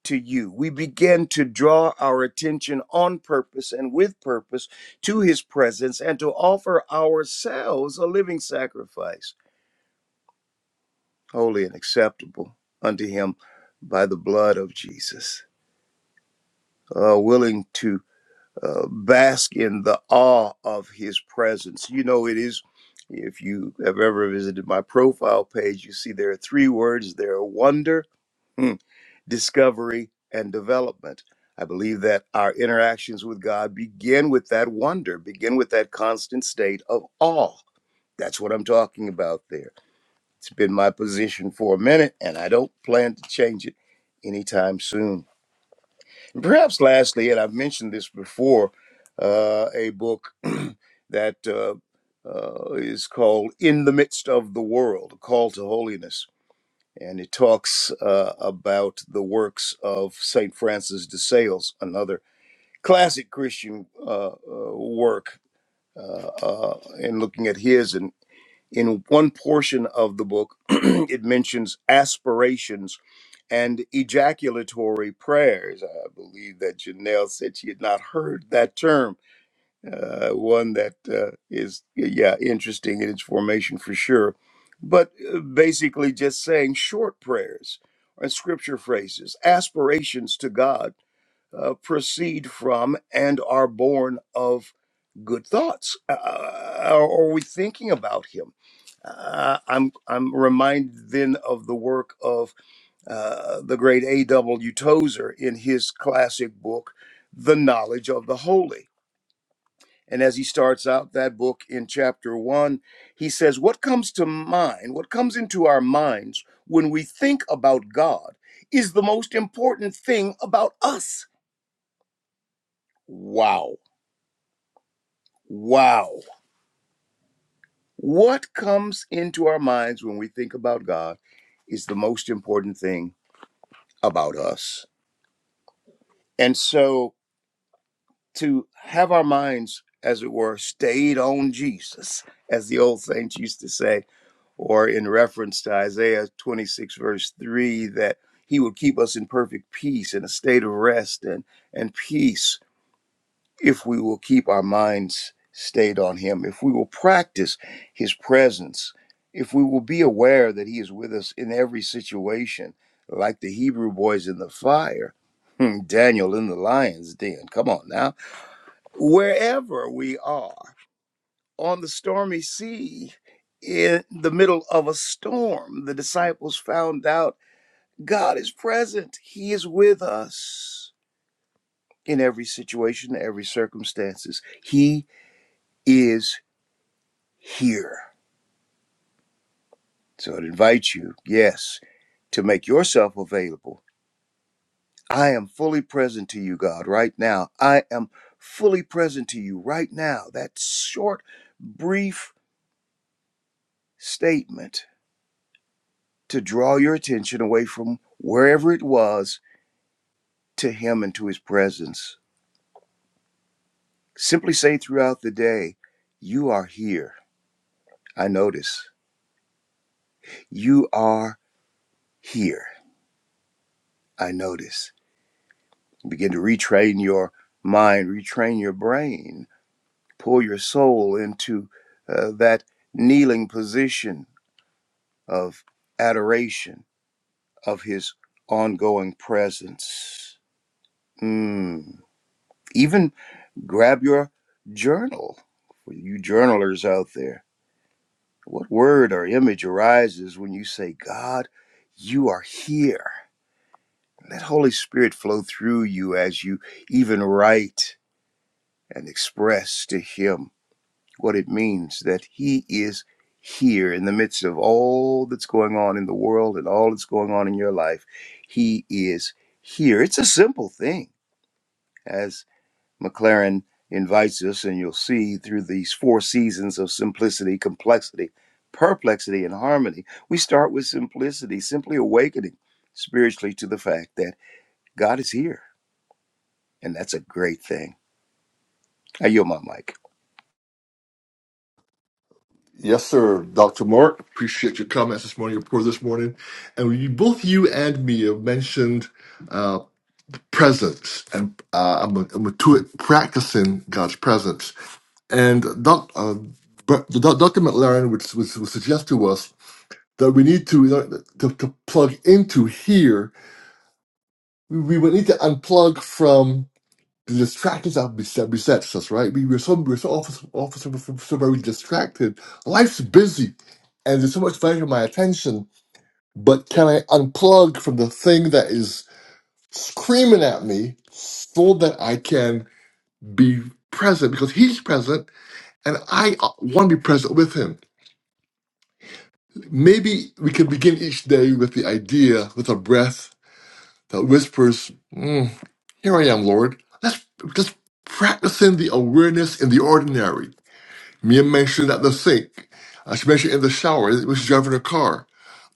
[SPEAKER 3] to you. We begin to draw our attention on purpose and with purpose to his presence and to offer ourselves a living sacrifice, holy and acceptable unto him by the blood of Jesus. Uh, willing to uh, bask in the awe of his presence. You know, it is, if you have ever visited my profile page, you see there are three words there wonder. hmm, discovery, and development. I believe that our interactions with God begin with that wonder, begin with that constant state of awe. That's what I'm talking about there. It's been my position for a minute, and I don't plan to change it anytime soon. And perhaps lastly, and I've mentioned this before, uh, a book that uh, uh, is called In the Midst of the World A Call to Holiness and it talks uh, about the works of Saint Francis de Sales, another classic Christian uh, uh, work. Uh, uh, and looking at his, and in one portion of the book, it mentions aspirations and ejaculatory prayers. I believe that Janelle said she had not heard that term uh, one that uh, is yeah interesting in its formation for sure but uh, basically just saying short prayers and scripture phrases aspirations to god uh, proceed from and are born of good thoughts uh, uh, are are we thinking about him uh, I'm I'm reminded then of the work of uh, the great A. W. Tozer in his classic book, The Knowledge of the Holy and as he starts out that book in chapter one, he says, What comes to mind, what comes into our minds when we think about God is the most important thing about us. Wow. Wow. What comes into our minds when we think about God is the most important thing about us. And so to have our minds, as it were, stayed on Jesus, as the old saints used to say or in reference to Isaiah 26, verse 3, that he will keep us in perfect peace in a state of rest and, and peace if we will keep our minds stayed on him, if we will practice his presence, if we will be aware that he is with us in every situation, like the Hebrew boys in the fire, Daniel in the lion's den. Come on now. Wherever we are on the stormy sea in the middle of a storm. The disciples found out God is present. He is with us in every situation, every circumstances. He is here. So I'd invite you, yes, to make yourself available. I am fully present to you, God, right now. I am fully present to you right now. That short, brief statement to draw your attention away from wherever it was to Him and to His presence. Simply say throughout the day, You are here. I notice. You are here. I notice. Begin to retrain your mind, retrain your brain, pull your soul into uh, that kneeling position of adoration of His ongoing presence. Mm. Even grab your journal for you journalers out there What word or image arises when you say, God, you are here? Let Holy Spirit flow through you as you even write and express to Him what it means that He is here in the midst of all that's going on in the world and all that's going on in your life. He is here. It's a simple thing, As McLaren invites us, and you'll see through these four seasons of simplicity, complexity, perplexity, and harmony, we start with simplicity, simply awakening spiritually to the fact that God is here. And that's a great thing. I yield my mic.
[SPEAKER 1] yes, sir, Dr. Mark. Appreciate your comments this morning, your report this morning. And you, both you and me have mentioned uh, presence, and uh, I'm, a, I'm a to it practicing God's presence. And doc, uh, but the doc, Dr. McLaren would, would, would suggest to us that we need to, you know, to to plug into here. We, we would need to unplug from the distractions that bes- besets us. Right? We, we're so we're so often, often so so very distracted. Life's busy, and there's so much value for my attention. But can I unplug from the thing that is screaming at me so that I can? be present because he's present and I want to be present with him. Maybe we could begin each day with the idea, with a breath that whispers, "Mm, Here I am, Lord. Let's just practicing the awareness in the ordinary. Mia mentioned at the sink. Uh, she mentioned in the shower when she's driving her car.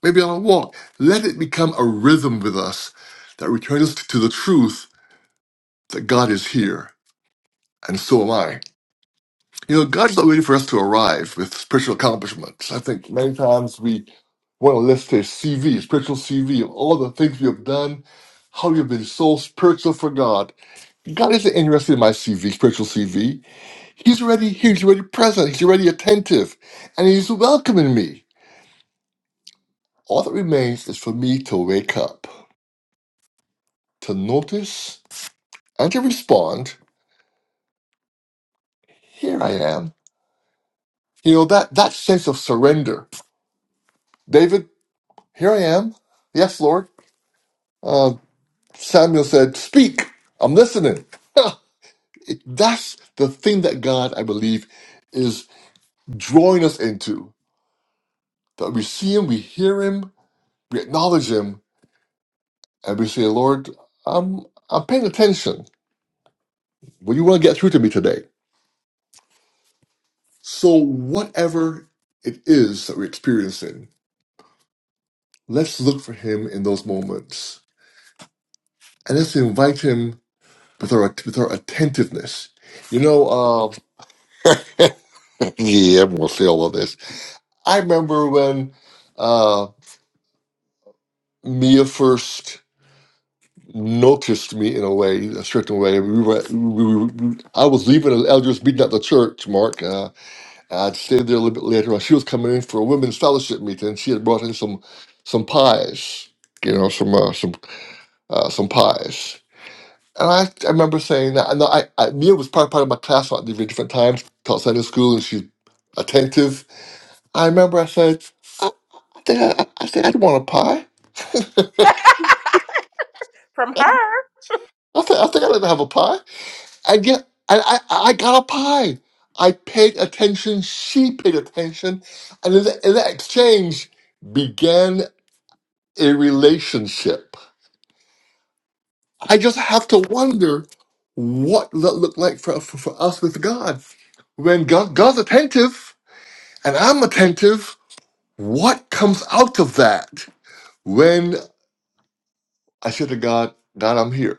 [SPEAKER 1] Maybe on a walk. Let it become a rhythm with us that returns us to the truth that God is here and so am I. You know, God's not waiting for us to arrive with spiritual accomplishments. I think many times we want to list a CV, spiritual CV, of all the things we have done, how we have been so spiritual for God. God isn't interested in my CV, spiritual CV. He's already here, he's already present, he's already attentive, and he's welcoming me. All that remains is for me to wake up, to notice, and to respond. Here I am. You know, that, that sense of surrender. David, here I am. Yes, Lord. Uh, Samuel said, Speak, I'm listening. It- That's the thing that God, I believe, is drawing us into. That we see Him, we hear Him, we acknowledge Him, and we say, Lord, I'm, I'm paying attention. What do you want to get through to me today? So, whatever it is that we're experiencing, let's look for Him in those moments and let's invite Him with our, with our attentiveness. You know, uh, yeah, I'm going to say all of this. I remember when uh, Mia first noticed me in a way, a certain way. We were, we were, I was leaving an elders meeting at the church, Mark. Uh, I'd stayed there a little bit later on. She was coming in for a women's fellowship meeting. and She had brought in some some pies, you know, some uh, some uh, some pies. And I, I remember saying that. And I, I, Mia was part part of my class at different times, taught Sunday school, and she's attentive. I remember I said, I, I think I, I said I'd want a pie.
[SPEAKER 4] from her.
[SPEAKER 1] I think I think I let them have a pie. I get I, I I got a pie. I paid attention. She paid attention, and in that, in that exchange began a relationship. I just have to wonder what that looked like for, for for us with God. When God, God's attentive and I'm attentive, what comes out of that? When I said to God, God, I'm here.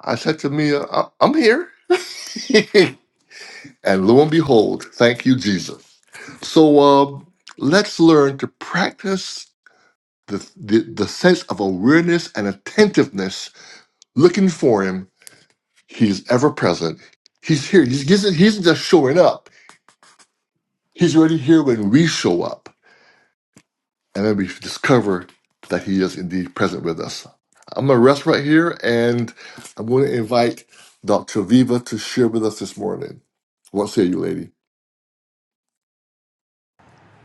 [SPEAKER 1] I said to me, I, I'm here. And lo and behold, thank you, Jesus. So um, let's learn to practice the, the, the sense of awareness and attentiveness, looking for Him. He's ever present. He's here. He's, he's, he's just showing up. He's already here when we show up. And then we discover that He is indeed present with us. I'm going to rest right here and I'm going to invite Dr. Viva to share with us this morning. What say you, lady?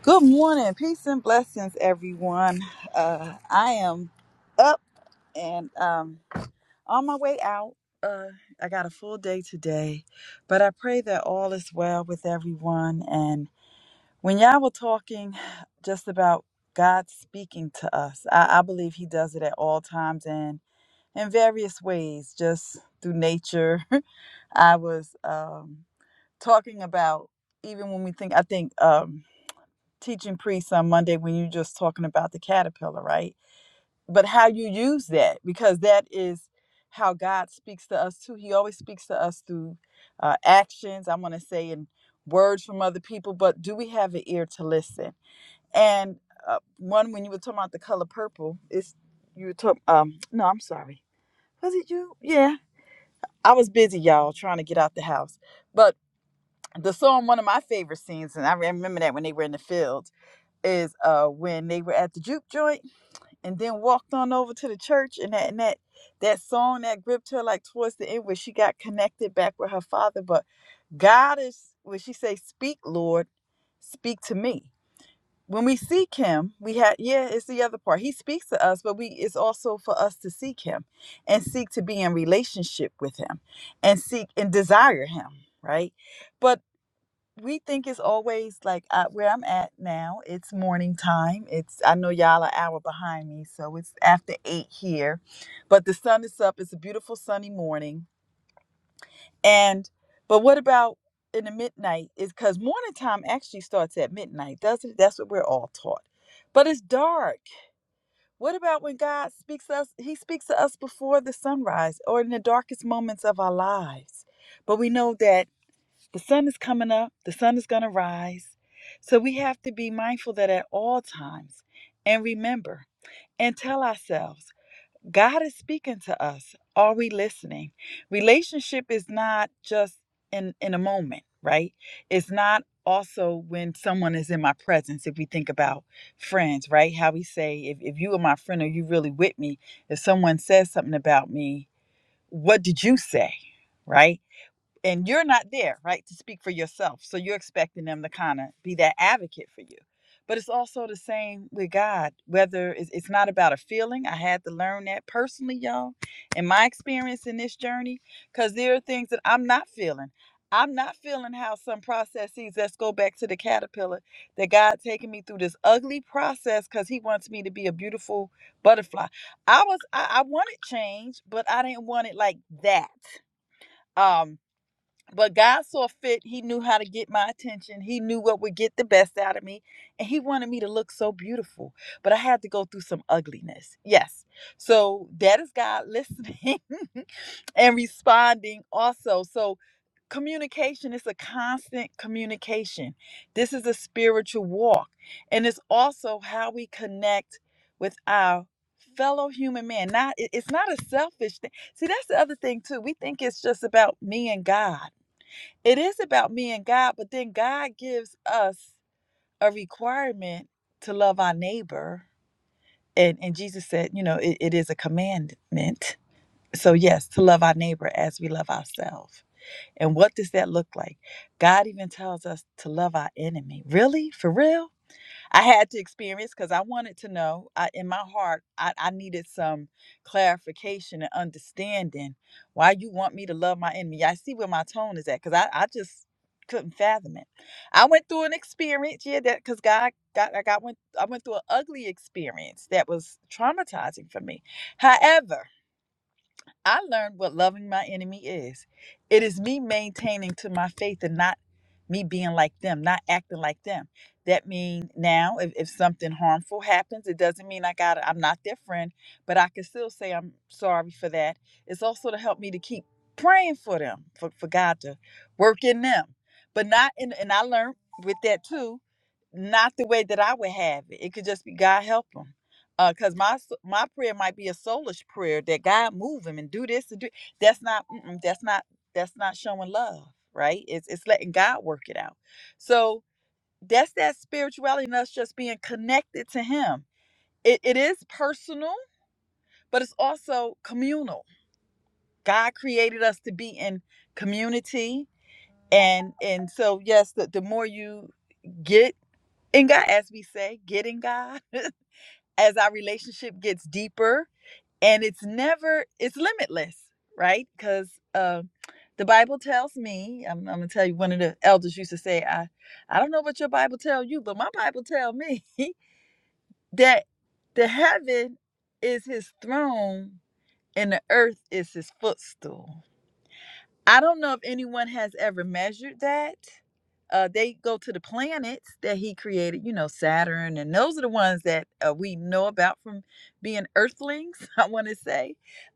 [SPEAKER 5] Good morning, peace and blessings, everyone. Uh, I am up and um, on my way out. Uh, I got a full day today, but I pray that all is well with everyone. And when y'all were talking just about God speaking to us, I, I believe He does it at all times and in various ways, just through nature. I was um, talking about even when we think, I think. Um, teaching priests on Monday when you're just talking about the caterpillar, right? But how you use that, because that is how God speaks to us too. He always speaks to us through uh, actions, I'm going to say, and words from other people, but do we have an ear to listen? And uh, one, when you were talking about the color purple, it's you were talking, um, no, I'm sorry. Was it you? Yeah. I was busy, y'all, trying to get out the house. But the song, one of my favorite scenes, and I remember that when they were in the field is uh when they were at the juke joint and then walked on over to the church and that and that that song that gripped her like towards the end where she got connected back with her father but god is when she say speak lord speak to me when we seek him we had yeah it's the other part he speaks to us but we it's also for us to seek him and seek to be in relationship with him and seek and desire him right but we think it's always like uh, where I'm at now. It's morning time. It's I know y'all are an hour behind me, so it's after eight here. But the sun is up. It's a beautiful sunny morning. And but what about in the midnight? Is because morning time actually starts at midnight, doesn't it? That's what we're all taught. But it's dark. What about when God speaks to us? He speaks to us before the sunrise or in the darkest moments of our lives. But we know that the sun is coming up, the sun is going to rise. So we have to be mindful that at all times and remember and tell ourselves God is speaking to us. Are we listening? Relationship is not just in, in a moment, right? It's not also when someone is in my presence, if we think about friends, right? How we say, if, if you are my friend or you really with me, if someone says something about me, what did you say? Right? and you're not there, right, to speak for yourself. So you're expecting them to kind of be that advocate for you. But it's also the same with God. Whether it's, it's not about a feeling, I had to learn that personally, y'all, in my experience in this journey, because there are things that I'm not feeling. I'm not feeling how some processes, let's go back to the caterpillar, that God taking me through this ugly process because He wants me to be a beautiful butterfly. I was, I, I wanted change, but I didn't want it like that. Um, but God saw fit. He knew how to get my attention. He knew what would get the best out of me. And He wanted me to look so beautiful. But I had to go through some ugliness. Yes. So that is God listening and responding also. So communication is a constant communication. This is a spiritual walk. And it's also how we connect with our fellow human man not it- it's not a selfish thing see that's the other thing too we think it's just about me and god it is about me and God, but then God gives us a requirement to love our neighbor. And and Jesus said, you know, it, it is a commandment. So yes, to love our neighbor as we love ourselves. And what does that look like? God even tells us to love our enemy. Really? For real? I had to experience because I wanted to know. I, in my heart, I, I needed some clarification and understanding why you want me to love my enemy. I see where my tone is at because I, I just couldn't fathom it. I went through an experience, yeah, that because God got I got went I went through an ugly experience that was traumatizing for me. However, I learned what loving my enemy is. It is me maintaining to my faith and not me being like them, not acting like them. That means now if, if something harmful happens, it doesn't mean I got I'm not their friend, but I can still say I'm sorry for that. It's also to help me to keep praying for them, for, for God to work in them. But not in and I learned with that too, not the way that I would have it. It could just be God help them uh because my s- my prayer might be a soulish prayer that god move him and do this and do that's not mm-mm, that's not that's not showing love right it's it's letting god work it out so that's that spirituality and us just being connected to him it, it is personal but it's also communal god created us to be in community and and so yes the, the more you get in god as we say get in god as our relationship gets deeper and it's never it's limitless right because uh, the bible tells me I'm, I'm gonna tell you one of the elders used to say i i don't know what your bible tell you but my bible tell me that the heaven is his throne and the earth is his footstool I don't know if anyone has ever measured that. Uh, they go to the planets that he created, you know, Saturn, and those are the ones that uh, we know about from being Earthlings, I want to say.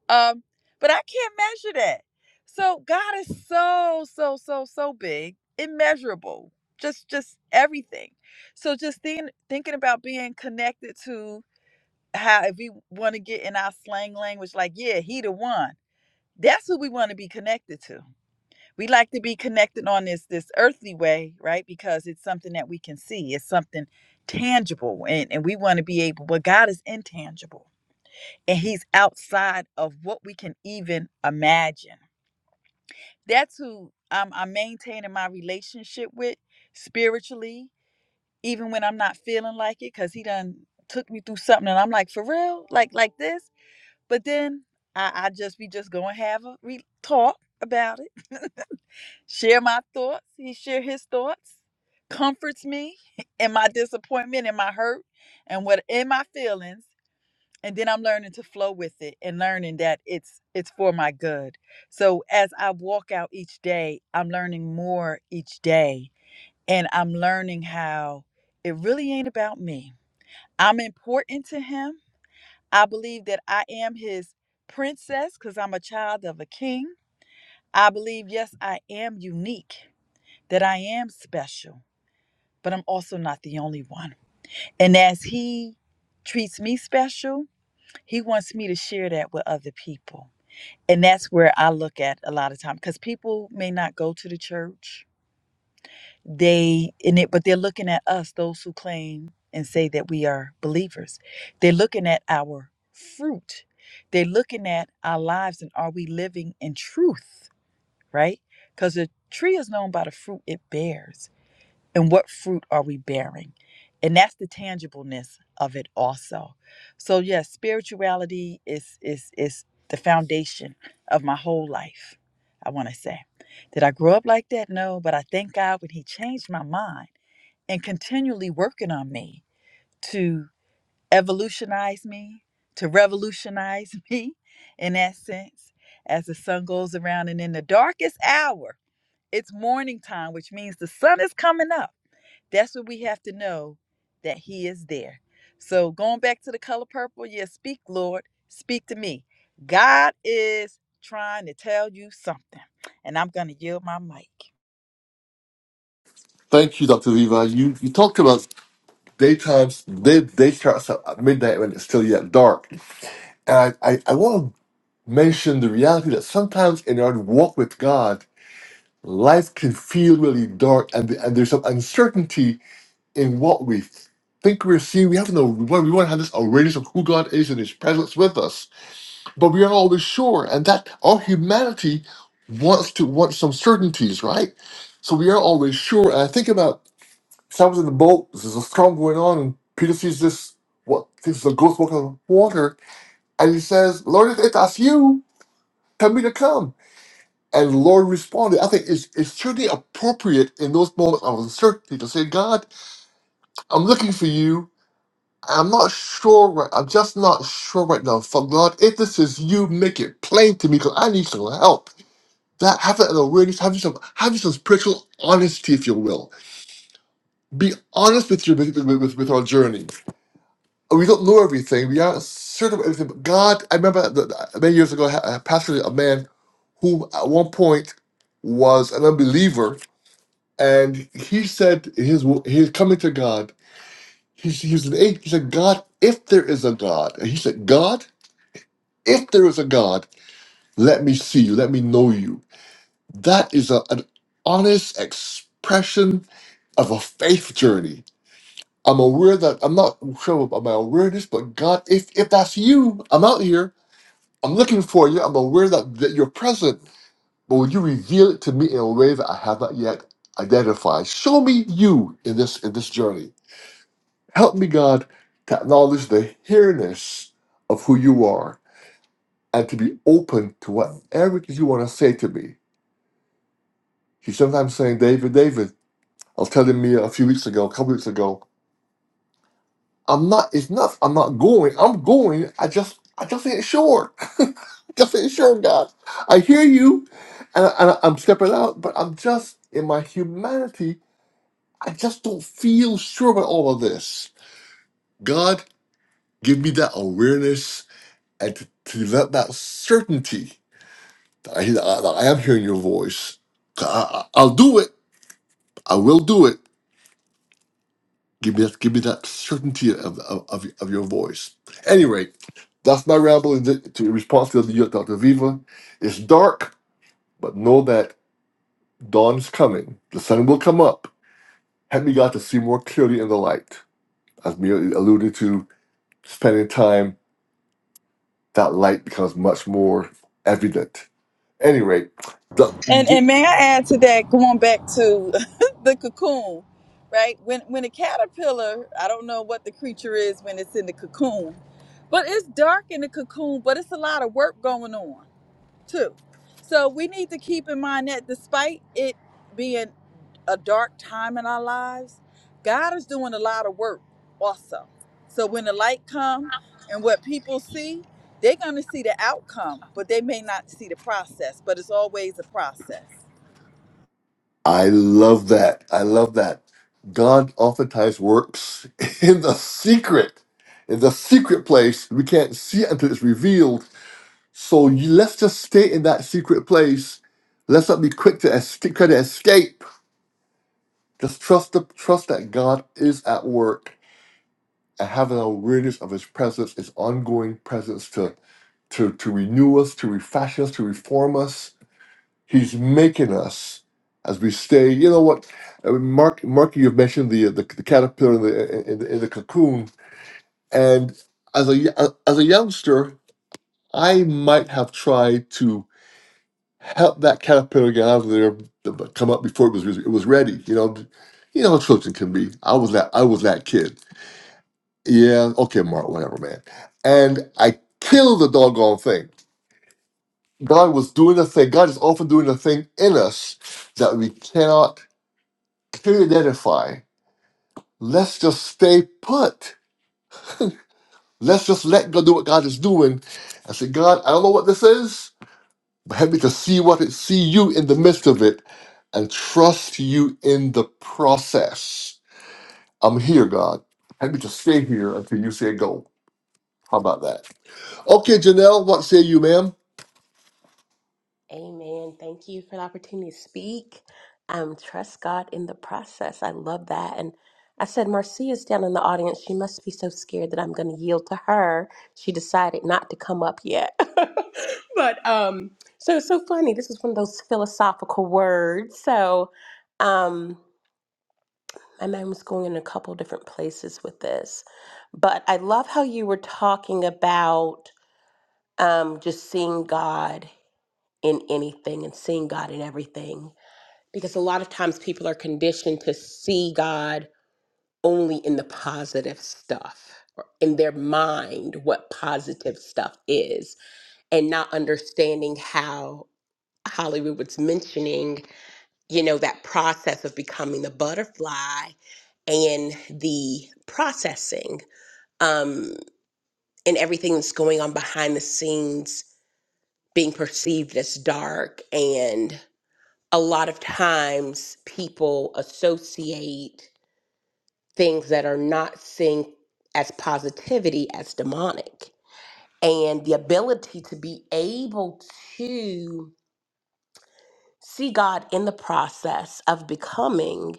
[SPEAKER 5] Um, but I can't measure that. So God is so, so, so, so big, immeasurable, just, just everything. So just think, thinking about being connected to how, if we want to get in our slang language, like, yeah, he the one. That's who we want to be connected to we like to be connected on this this earthly way right because it's something that we can see it's something tangible and, and we want to be able but god is intangible and he's outside of what we can even imagine that's who i'm, I'm maintaining my relationship with spiritually even when i'm not feeling like it because he done took me through something and i'm like for real like like this but then i, I just we just go and have a re- talk about it share my thoughts. He share his thoughts, comforts me in my disappointment, in my hurt, and what in my feelings. And then I'm learning to flow with it and learning that it's it's for my good. So as I walk out each day, I'm learning more each day. And I'm learning how it really ain't about me. I'm important to him. I believe that I am his princess because I'm a child of a king. I believe, yes, I am unique that I am special, but I'm also not the only one. And as He treats me special, He wants me to share that with other people. And that's where I look at a lot of time because people may not go to the church. They in it, but they're looking at us, those who claim and say that we are believers. They're looking at our fruit. They're looking at our lives and are we living in truth, right? Because the tree is known by the fruit it bears. and what fruit are we bearing and that's the tangibleness of it also so yes spirituality is is is the foundation of my whole life i want to say did i grow up like that no but i thank god when he changed my mind and continually working on me to evolutionize me to revolutionize me in that sense as the sun goes around and in the darkest hour it's morning time which means the sun is coming up that's what we have to know that He is there. So going back to the color purple, yeah, speak, Lord, speak to me. God is trying to tell you something, and I'm going to yield my mic.
[SPEAKER 1] Thank you, Dr. Viva. You, you talked about daytime they they starts up at midnight when it's still yet dark. And I, I, I want to mention the reality that sometimes in our walk with God, life can feel really dark and, and there's some uncertainty in what we think we're seeing. We have no we want, we want to have this awareness of who God is and his presence with us. But we aren't always sure and that our humanity wants to want some certainties, right? So we aren't always sure. And I think about something in the boat. There's a storm going on, and Peter sees this what thinks is a ghost walking on the water, and he says, "Lord, if that's you, tell me to come." And the Lord responded, "I think it's it's truly appropriate in those moments of uncertainty to say, God, I'm looking for you. I'm not sure. Right, I'm just not sure right now. So God, if this is you, make it plain to me, because I need some help." That having an awareness, having some having some spiritual honesty, if you will. Be honest with your with, with with our journey we don't know everything. We aren't certain of everything. But God, I remember the, the- many years ago, I ha- I pastored a man who at one point was an unbeliever, and he said his his coming to God. He, he was an atheist. He said, "God, if there is a God," and he said, "God, if there is a God, let me see you, let me know you." That is a, an honest expression of a faith journey. I'm aware that I'm not sure about my awareness, but God, if if that's you, I'm out here. I'm looking for you. I'm aware that, that you're present, but would you reveal it to me in a way that I have not yet identified? Show me you in this in this journey. Help me, God, to acknowledge the here-ness of who you are and to be open to whatever it is you want to say to me. He's sometimes saying, David, David, I was telling me a few weeks ago, a couple weeks ago, I'm not. It's nuts. I'm not going. I'm going. I just. I just ain't sure. just ain't sure, God. I hear you, and, I, and I- I'm stepping out, but I'm just in my humanity. I just don't feel sure about all of this. God, give me that awareness and to, to let that certainty that I, that I am hearing your voice. I, I- I'll do it. I will do it. Give me that. Give me that certainty of of, of, of your voice. Anyway, that's my ramble in, the, to, in response to the Dr. Viva. It's dark, but know that dawn is coming. The sun will come up. Help me, God, to see more clearly in the light. As we alluded to, spending time, that light becomes much more evident. Anyway,
[SPEAKER 5] And and may I add to that, going back to the cocoon, right? When when a caterpillar, I don't know what the creature is when it's in the cocoon, but it's dark in the cocoon, but it's a lot of work going on. too. So we need to keep in mind that despite it being a dark time in our lives, God is doing a lot of work also. So when the light comes and what people see, they're going to see the outcome, but they may not see the process, but it's always a process.
[SPEAKER 1] I love that. I love that. God oftentimes works in the secret, in the secret place. We can't see it until it's revealed. So you, let's just stay in that secret place. Let's not be quick to escape, try to escape. Just trust the trust that God is at work and have an awareness of His presence, His ongoing presence to to to renew us, to refashion us, to reform us He's making us as we stay. You know what, uh, Mark? Mark, you've mentioned the uh, the, the caterpillar in the, in, the, in the cocoon, and as a as a youngster, I might have tried to help that caterpillar get out of there, uh, but come up before it was it was ready. You know, you know how children can be. I was that I was that kid. Yeah, okay, Mark, whatever, man. And I killed the doggone thing. God was doing a thing. God is often doing a thing in us that we cannot clearly identify. Let's just stay put. Let's just let God do what God is doing. I say, God, I don't know what this is, but help me to see what it, see you in the midst of it, and trust you in the process. I'm here, God. Help me to stay here until you say go. How about that? Okay, Janelle, what say you, ma'am?
[SPEAKER 4] Amen. Thank you for the opportunity to speak. Um, trust God in the process. I love that. And I said, Marcia's down in the audience. She must be so scared that I'm going to yield to her. She decided not to come up yet. but um, so it's so funny. This is one of those philosophical words. So um, my mind was going in a couple different places with this. But I love how you were talking about um, just seeing God in anything and seeing God in everything. Because a lot of times people are conditioned to see God only in the positive stuff, or in their mind, what positive stuff is, and not understanding how Hollywood was mentioning, you know, that process of becoming the butterfly and the processing um, and everything that's going on behind the scenes being perceived as dark and. a lot of times people associate things that are not seen as positivity as demonic. And the ability to be able to see God in the process of becoming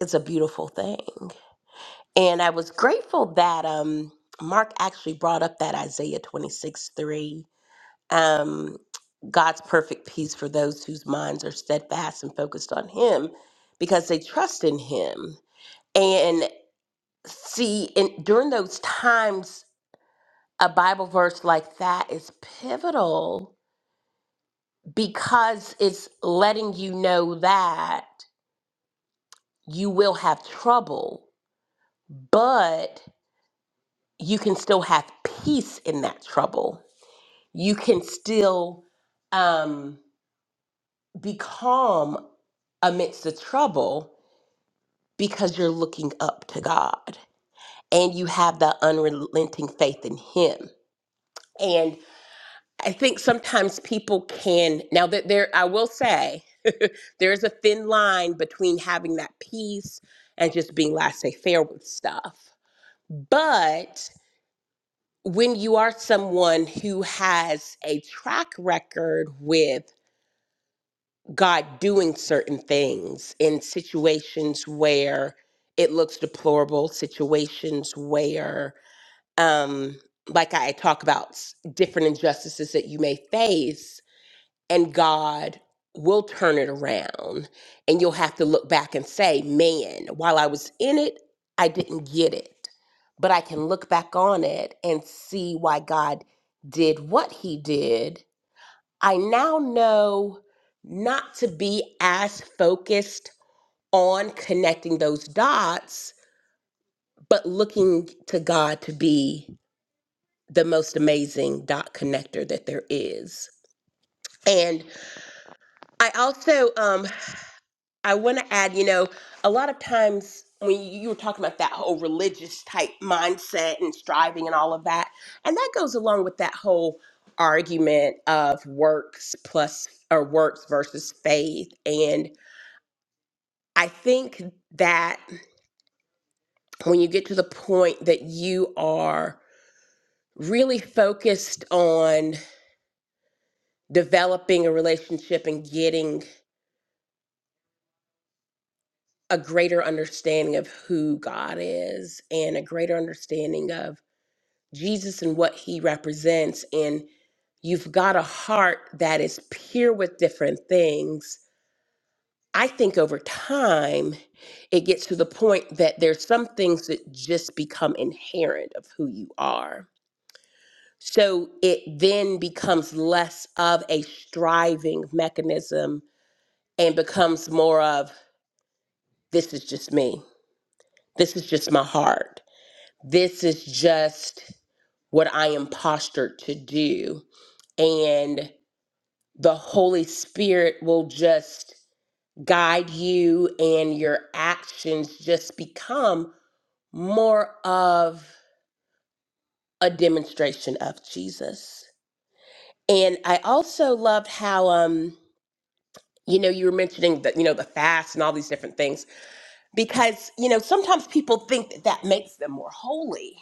[SPEAKER 4] is a beautiful thing. And I was grateful that um, Mark actually brought up that Isaiah 26 3. Um, God's perfect peace for those whose minds are steadfast and focused on Him because they trust in Him and see and during those times a bible verse like that is pivotal because it's letting you know that you will have trouble but you can still have peace in that trouble you can still um, be calm amidst the trouble because you're looking up to god and you have that unrelenting faith in him and. I think sometimes people can now that there I will say there's a thin line between having that peace and just being laissez faire with stuff. But when you are someone who has a track record with God doing certain things in situations where it looks deplorable, situations where um like I talk about s- different injustices that you may face and God will turn it around. And you'll have to look back and say, man, while I was in it, I didn't get it. But I can look back on it and see why God did what he did. I now know not to be as focused on connecting those dots, but looking to God to be the most amazing dot connector that there is. And I also, um. I want to add, you know, a lot of times when you you were talking about that whole religious type mindset and striving and all of that, and that goes along with that whole argument of works plus or works versus faith. And I think that when you get to the point that you are really focused on developing a relationship and getting a greater understanding of who God is and a greater understanding of Jesus and what he represents, and you've got a heart that is pure with different things, I think over time it gets to the point that there's some things that just become inherent of who you are. So it then becomes less of a striving mechanism and becomes more of this is just me. This is just my heart. This is just what I am postured to do. And the Holy Spirit will just guide you and your actions just become more of a demonstration of Jesus. And I also loved how um you know you were mentioning that you know the fast and all these different things because you know sometimes people think that that makes them more holy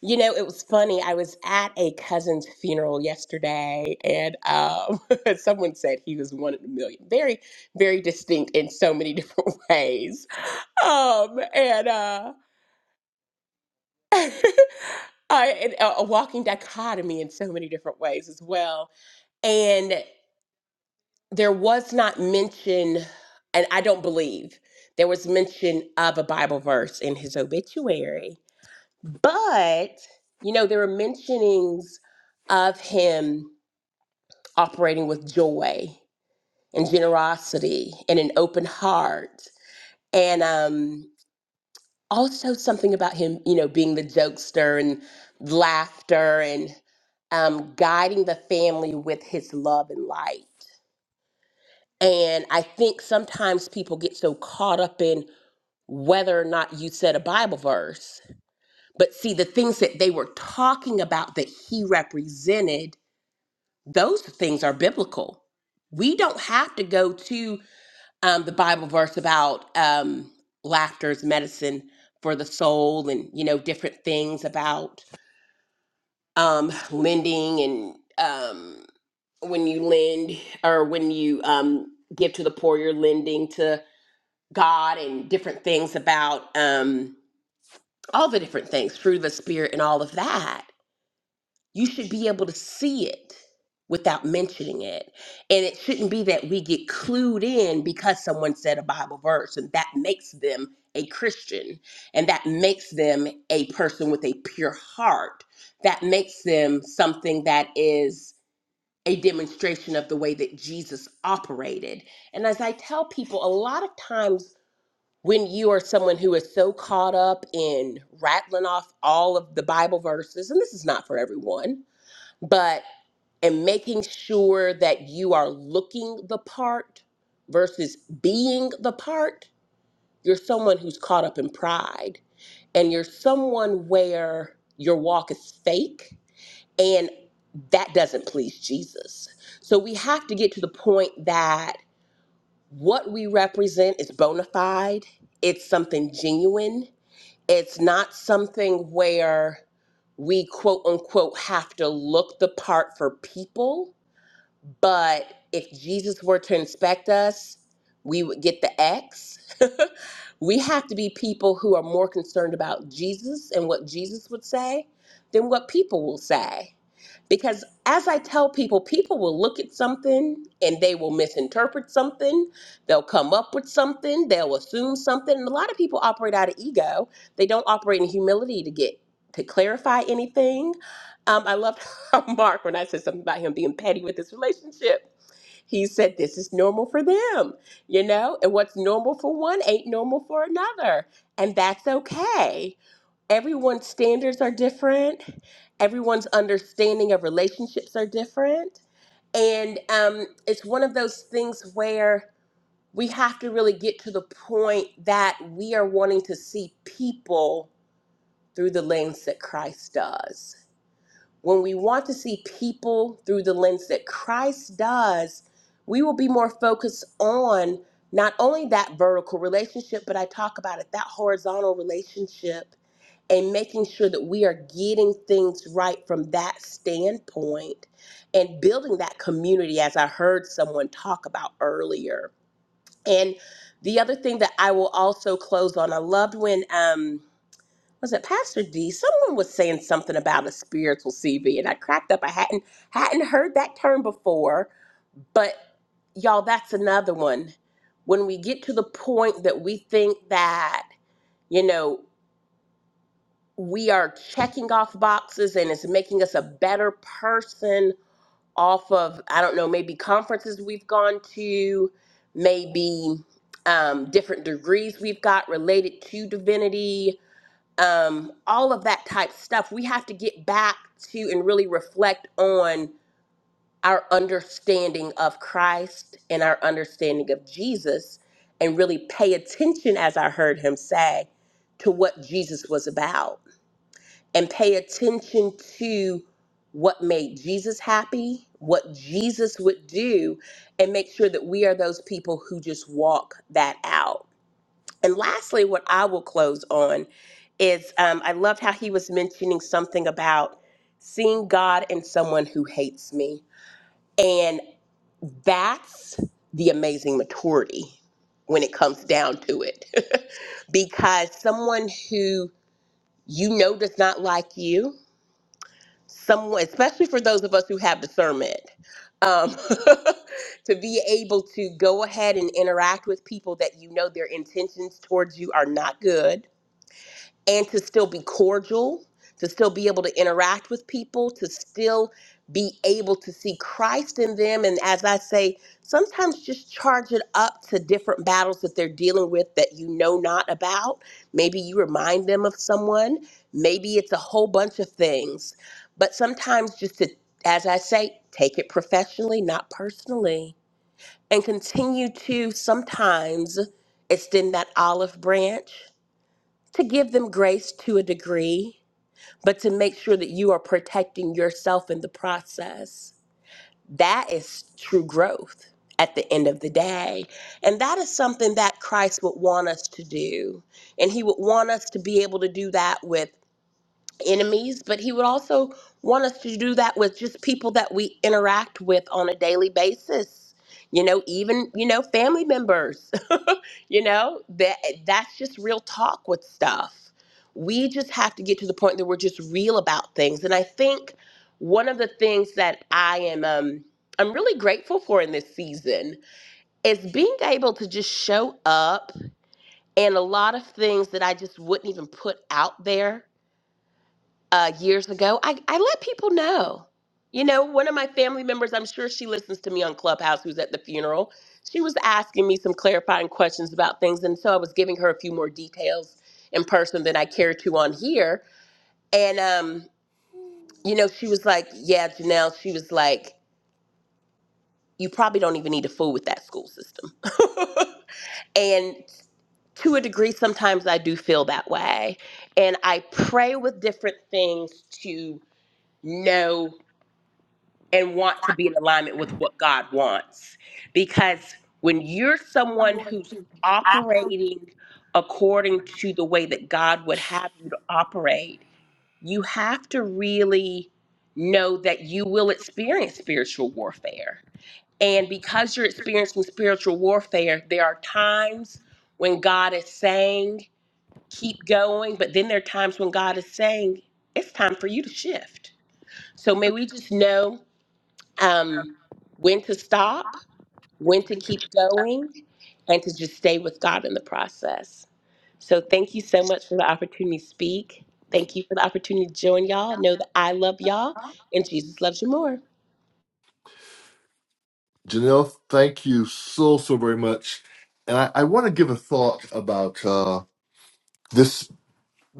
[SPEAKER 4] You know, it was funny. I was at a cousin's funeral yesterday, and um, someone said he was one in a million. Very, very distinct in so many different ways. Um, and uh, I, and a, a walking dichotomy in so many different ways as well. And there was not mention, and I don't believe there was mention of a Bible verse in his obituary But, you know, there were mentionings of him operating with joy and generosity and an open heart. And um, also something about him, you know, being the jokester and laughter and um, guiding the family with his love and light. And I think sometimes people get so caught up in whether or not you said a Bible verse, but see, the things that they were talking about that he represented those things are biblical. We don't have to go to um, the Bible verse about um, laughter is medicine for the soul, and you know different things about um, lending and um, when you lend or when you um, give to the poor, you're lending to God, and different things about um, all the different things, fruit of the spirit, and all of that. you should be able to see it without mentioning it. And it shouldn't be that we get clued in because someone said a Bible verse and that makes them a Christian and that makes them a person with a pure heart. That makes them something that is a demonstration of the way that Jesus operated. And as I tell people, a lot of times when you are someone who is so caught up in rattling off all of the Bible verses, and this is not for everyone, but and making sure that you are looking the part versus being the part you're someone who's caught up in pride and you're someone where your walk is fake and that doesn't please Jesus so we have to get to the point that what we represent is bona fide it's something genuine it's not something where we quote unquote have to look the part for people but if Jesus were to inspect us, we would get the X. we have to be people who are more concerned about Jesus and what Jesus would say than what people will say. Because as I tell people, people will look at something and they will misinterpret something. They'll come up with something. They'll assume something. And a lot of people operate out of ego. They don't operate in humility to get to clarify anything. Um, I loved how Mark when I said something about him being petty with his relationship. He said this is normal for them, you know, and what's normal for one ain't normal for another, and that's okay everyone's standards are different everyone's understanding of relationships are different and um, it's one of those things where we have to really get to the point that we are wanting to see people through the lens that christ does when we want to see people through the lens that christ does we will be more focused on not only that vertical relationship but i talk about it that horizontal relationship and making sure that we are getting things right from that standpoint and building that community, as I heard someone talk about earlier. And the other thing that I will also close on, I loved when, um, was it Pastor D? Someone was saying something about a spiritual CV, and I cracked up. I hadn't hadn't heard that term before, but y'all, that's another one. When we get to the point that we think that you know we are checking off boxes and it's making us a better person off of i don't know maybe conferences we've gone to maybe um, different degrees we've got related to divinity um, all of that type stuff we have to get back to and really reflect on our understanding of christ and our understanding of jesus and really pay attention as i heard him say to what jesus was about and pay attention to what made Jesus happy, what Jesus would do, and make sure that we are those people who just walk that out. And lastly, what I will close on is um, I loved how he was mentioning something about seeing God in someone who hates me. And that's the amazing maturity when it comes down to it. because someone who you know does not like you, someone, especially for those of us who have discernment, um, to be able to go ahead and interact with people that you know their intentions towards you are not good and to still be cordial, to still be able to interact with people, to still be able to see Christ in them. And as I say, sometimes just charge it up to different battles that they're dealing with that you know not about. Maybe you remind them of someone, maybe it's a whole bunch of things. But sometimes just to, as I say, take it professionally, not personally, and continue to sometimes extend that olive branch to give them grace to a degree, but to make sure that you are protecting yourself in the process. That is true growth at the end of the day. And that is something that Christ would want us to do. And he would want us to be able to do that with enemies, but he would also want us to do that with just people that we interact with on a daily basis. You know, even, you know, family members. you know, that that's just real talk with stuff. We just have to get to the point that we're just real about things. And I think one of the things that I am um I'm really grateful for in this season is being able to just show up and a lot of things that I just wouldn't even put out there uh, years ago, I, I let people know. You know, one of my family members, I'm sure she listens to me on Clubhouse, who's at the funeral, she was asking me some clarifying questions about things. And so I was giving her a few more details in person than I care to on here. And, um, you know, she was like, Yeah, Janelle, she was like, You probably don't even need to fool with that school system. and to a degree, sometimes I do feel that way. And I pray with different things to know and want to be in alignment with what God wants. Because when you're someone who's operating according to the way that God would have you to operate, you have to really know that you will experience spiritual warfare. And because you're experiencing spiritual warfare, there are times when God is saying, keep going, but then there are times when God is saying, it's time for you to shift. So may we just know um, when to stop, when to keep going, and to just stay with God in the process. So, thank you so much for the opportunity to speak. Thank you for the opportunity to join y'all. Know that I love y'all and Jesus loves you more.
[SPEAKER 1] Janelle, thank you so so very much. And I, I want to give a thought about uh, this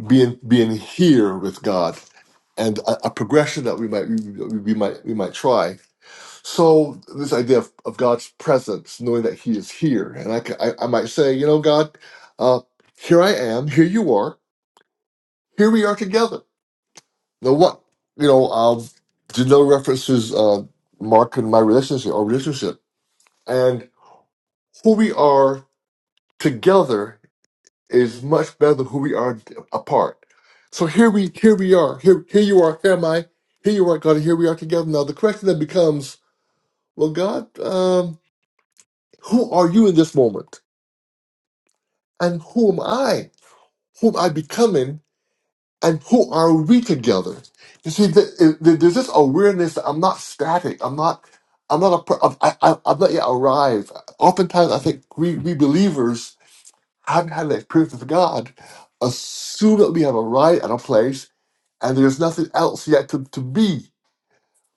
[SPEAKER 1] being being here with God and a, a progression that we might we, we might we might try. So this idea of, of God's presence, knowing that He is here, and I, ca- I I might say, you know, God, uh, here I am, here you are, here we are together. Now what you know, um, Janelle references uh, Mark and my relationship, our relationship, and who we are together is much better than who we are apart. So here we here we are here here you are here am I here you are God and here we are together. Now the question then becomes Well, God, um, who are you in this moment? And who am I? Who am I becoming? And who are we together? You see, th- th- there's this awareness that I'm not static. I'm not. I'm not a. Per- I'm- I, I, I've not yet arrived. Oftentimes, I think we, we believers haven't had that experience with God. Assume that we have arrived at a place, and there's nothing else yet to, to be.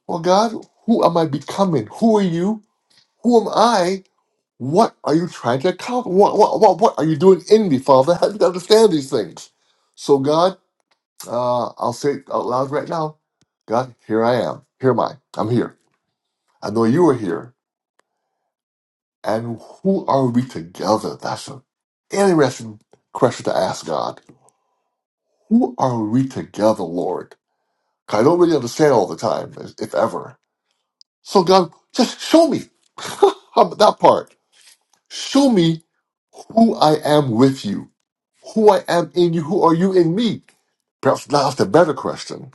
[SPEAKER 1] Well, God, who am I becoming? Who are you? Who am I? What are you trying to accomplish? What, what, what, what are you doing in me, Father? Help me to understand these things. So, God, uh, I'll say it out loud right now God, here I am. Here am I. I'm here. I know you are here. And who are we together? That's an interesting question to ask God. Who are we together, Lord? 'Cause I don't really understand all the time, if if ever. So, God, just show me that part. Show me who I am with you, who I am in you, who are you in me. Perhaps that's the better question.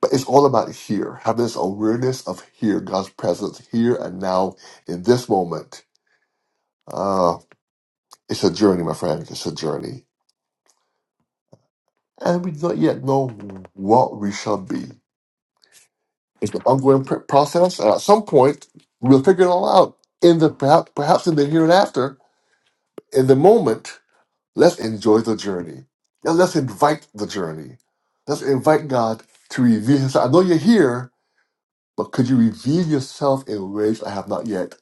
[SPEAKER 1] But it's all about here, having this awareness of here, God's presence here and now in this moment. Uh, it's a journey, my friend. It's a journey. And we don't yet know what we shall be. It's an ongoing pr- process. And at some point, we'll figure it all out in the perhaps, perhaps in the here and after, in the moment. Let's enjoy the journey. Now let's invite the journey. Let's invite God to reveal Himself. I know you're here, but could you reveal yourself in ways I have not yet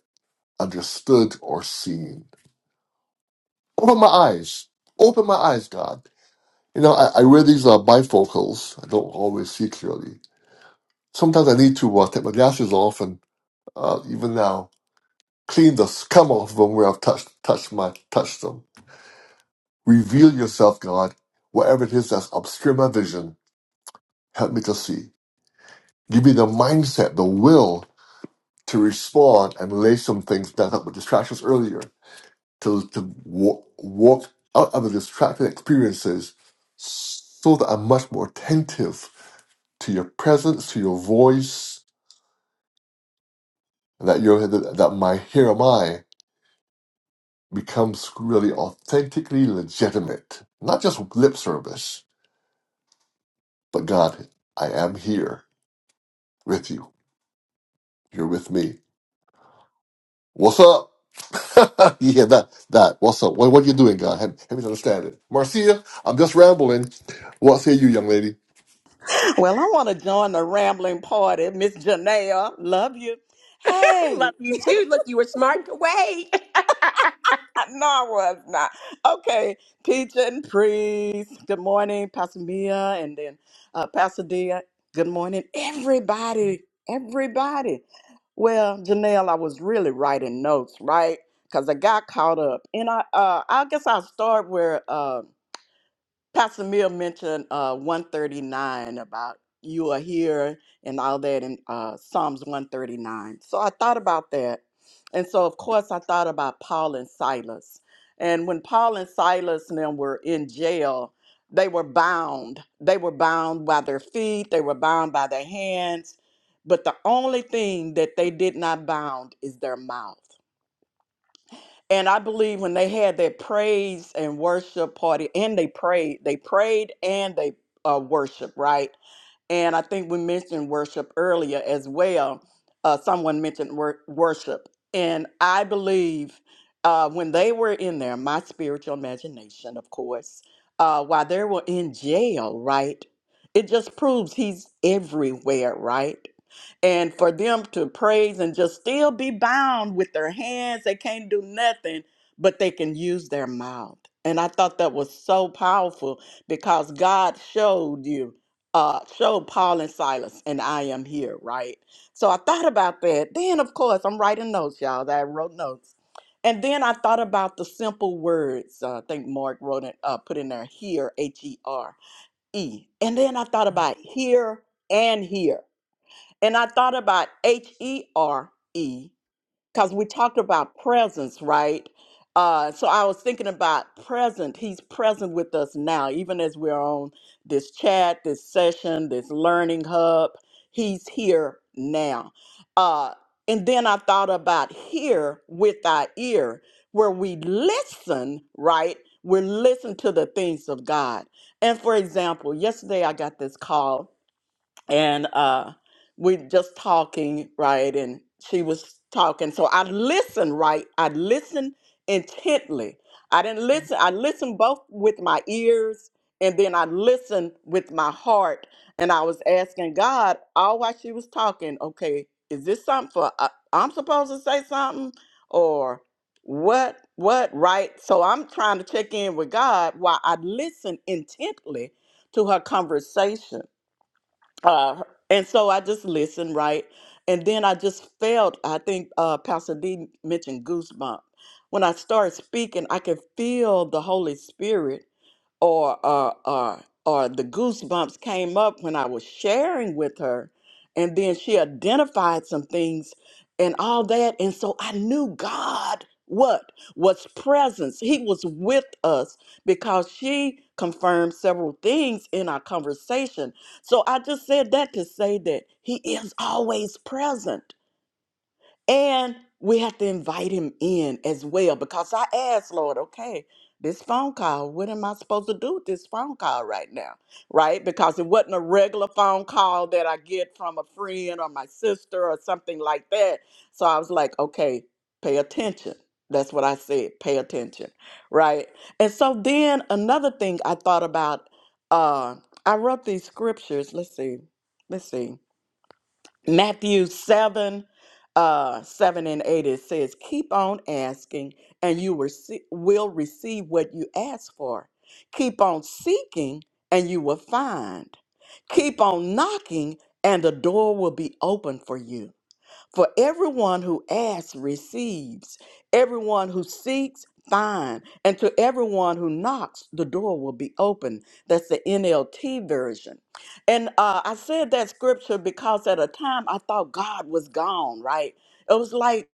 [SPEAKER 1] understood or seen? Open my eyes. Open my eyes, God. You know, I, I wear these uh, bifocals. I don't always see clearly. Sometimes I need to uh, take my glasses off, and uh, even now, clean the scum off them where I've touched touched my touched them. Reveal yourself, God. Whatever it is that's obscure my vision, help me to see. Give you the mindset, the will to respond and lay some things down that were distractions earlier, to, to wa- walk out of the distracted experiences so that I'm much more attentive to your presence, to your voice, that, your that that my here am I becomes really authentically legitimate. Not just lip service, but God, I am here with you. You're with me. What's up? yeah, that that. What's up? What, what are you doing, God? Help, help me to understand it. Marcia, I'm just rambling. What say you, young lady?
[SPEAKER 6] Well, I want to join the rambling party. Miss Janelle, love you. Hey,
[SPEAKER 4] love you too. Look, you were smart to wait.
[SPEAKER 6] I- no, I was not. Okay, Peach and Priest. Good morning, Pastor Mia, and then uh, Pastor Dia. Good morning, everybody. Everybody. Well, Janelle, I was really writing notes, right? Because I got caught up, and I, uh, I guess I'll start where. uh, Pastor Mill mentioned uh, 139 about you are here and all that in uh, Psalms 139. So I thought about that. And so, of course, I thought about Paul and Silas. And when Paul and Silas and them were in jail, they were bound. They were bound by their feet, they were bound by their hands. But the only thing that they did not bound is their mouth. And I believe when they had their praise and worship party, and they prayed, they prayed and they uh, worship, right? And I think we mentioned worship earlier as well. Uh, someone mentioned wor- worship, and I believe uh, when they were in there, my spiritual imagination, of course, uh, while they were in jail, right? It just proves he's everywhere, right? and for them to praise and just still be bound with their hands they can't do nothing but they can use their mouth and i thought that was so powerful because god showed you uh showed paul and silas and i am here right so i thought about that then of course i'm writing notes y'all i wrote notes and then i thought about the simple words uh, i think mark wrote it uh, put in there here h-e-r e R E. and then i thought about here and here and I thought about H E R E because we talked about presence, right? Uh, so I was thinking about present. He's present with us now, even as we're on this chat, this session, this learning hub. He's here now. Uh, and then I thought about here with our ear, where we listen, right? We listen to the things of God. And for example, yesterday I got this call and uh, we just talking, right? And she was talking, so I listened, right? I listened intently. I didn't listen. I listened both with my ears and then I listened with my heart, and I was asking God all while she was talking. Okay, is this something for uh, I'm supposed to say something or? What, what, right? So I'm trying to check in with God while I listen intently to her conversation uh, and so I just listened, right? And then I just felt, I think uh, Pastor D mentioned goosebump. When I started speaking, I could feel the Holy Spirit or, or, or, or the goosebumps came up when I was sharing with her. And then she identified some things and all that. And so I knew God, what? Was presence. He was with us because she confirmed several things in our conversation so I just said that to say that He is always present. And we have to invite him in as well because I asked, Lord, okay, this phone call, what am I supposed to do with this phone call right now? Right? Because it wasn't a regular phone call that I get from a friend or my sister or something like that. So I was like, okay, pay attention. That's what I said, pay attention. Right? And so then another thing I thought about, uh, I wrote these scriptures. Let's see. Let's see. Matthew 7, uh, 7 and 8, it says, Keep on asking, and you will see- will receive what you ask for. Keep on seeking, and you will find. Keep on knocking, and the door will be open for you. For everyone who asks receives, everyone who seeks finds, and to everyone who knocks, the door will be open. That's the NLT version. And uh, I said that scripture because at a time I thought God was gone, right? It was like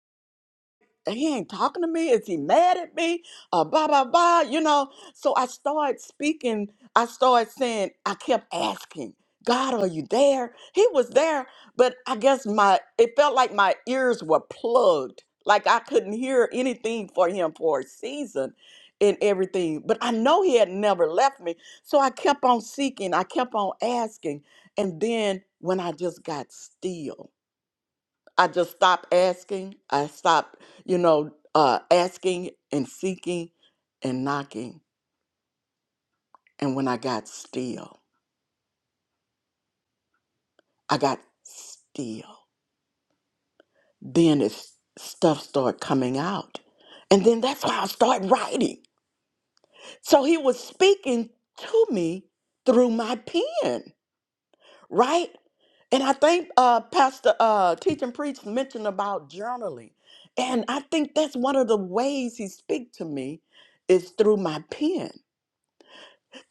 [SPEAKER 6] he ain't talking to me. Is he mad at me? Uh, blah, blah, blah, you know. So I started speaking. I started saying, I kept asking, God, are you there? He was there, but I guess my, it felt like my ears were plugged. Like I couldn't hear anything for him for a season and everything. But I know he had never left me. So I kept on seeking. I kept on asking. And then when I just got still, I just stopped asking. I stopped, you know, uh, asking and seeking and knocking. And when I got still, I got still. Then it's stuff started coming out. And then that's why I started writing. So he was speaking to me through my pen, right? And I think uh, Pastor uh, Teach and Preach mentioned about journaling. And I think that's one of the ways he speaks to me is through my pen.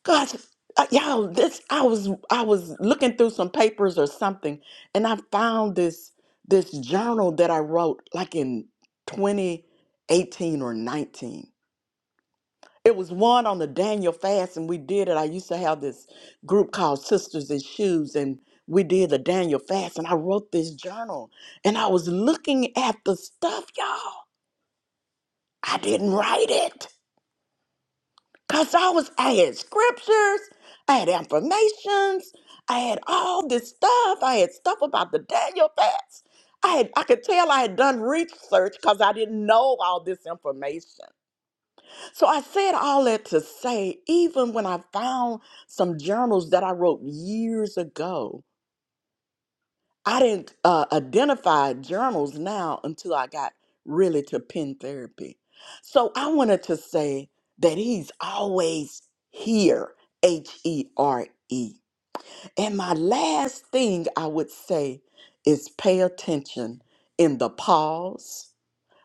[SPEAKER 6] Gosh, uh, y'all, this I was I was looking through some papers or something, and I found this this journal that I wrote like in 2018 or 19. It was one on the Daniel fast, and we did it. I used to have this group called Sisters in Shoes, and we did the Daniel fast, and I wrote this journal, and I was looking at the stuff, y'all. I didn't write it. Cause I was, I had scriptures, I had affirmations, I had all this stuff. I had stuff about the Daniel fast. I had, I could tell I had done research because I didn't know all this information. So I said all that to say, even when I found some journals that I wrote years ago, I didn't uh, identify journals now until I got really to pen therapy. So I wanted to say that he's always here, H E R E. And my last thing I would say is pay attention in the pause,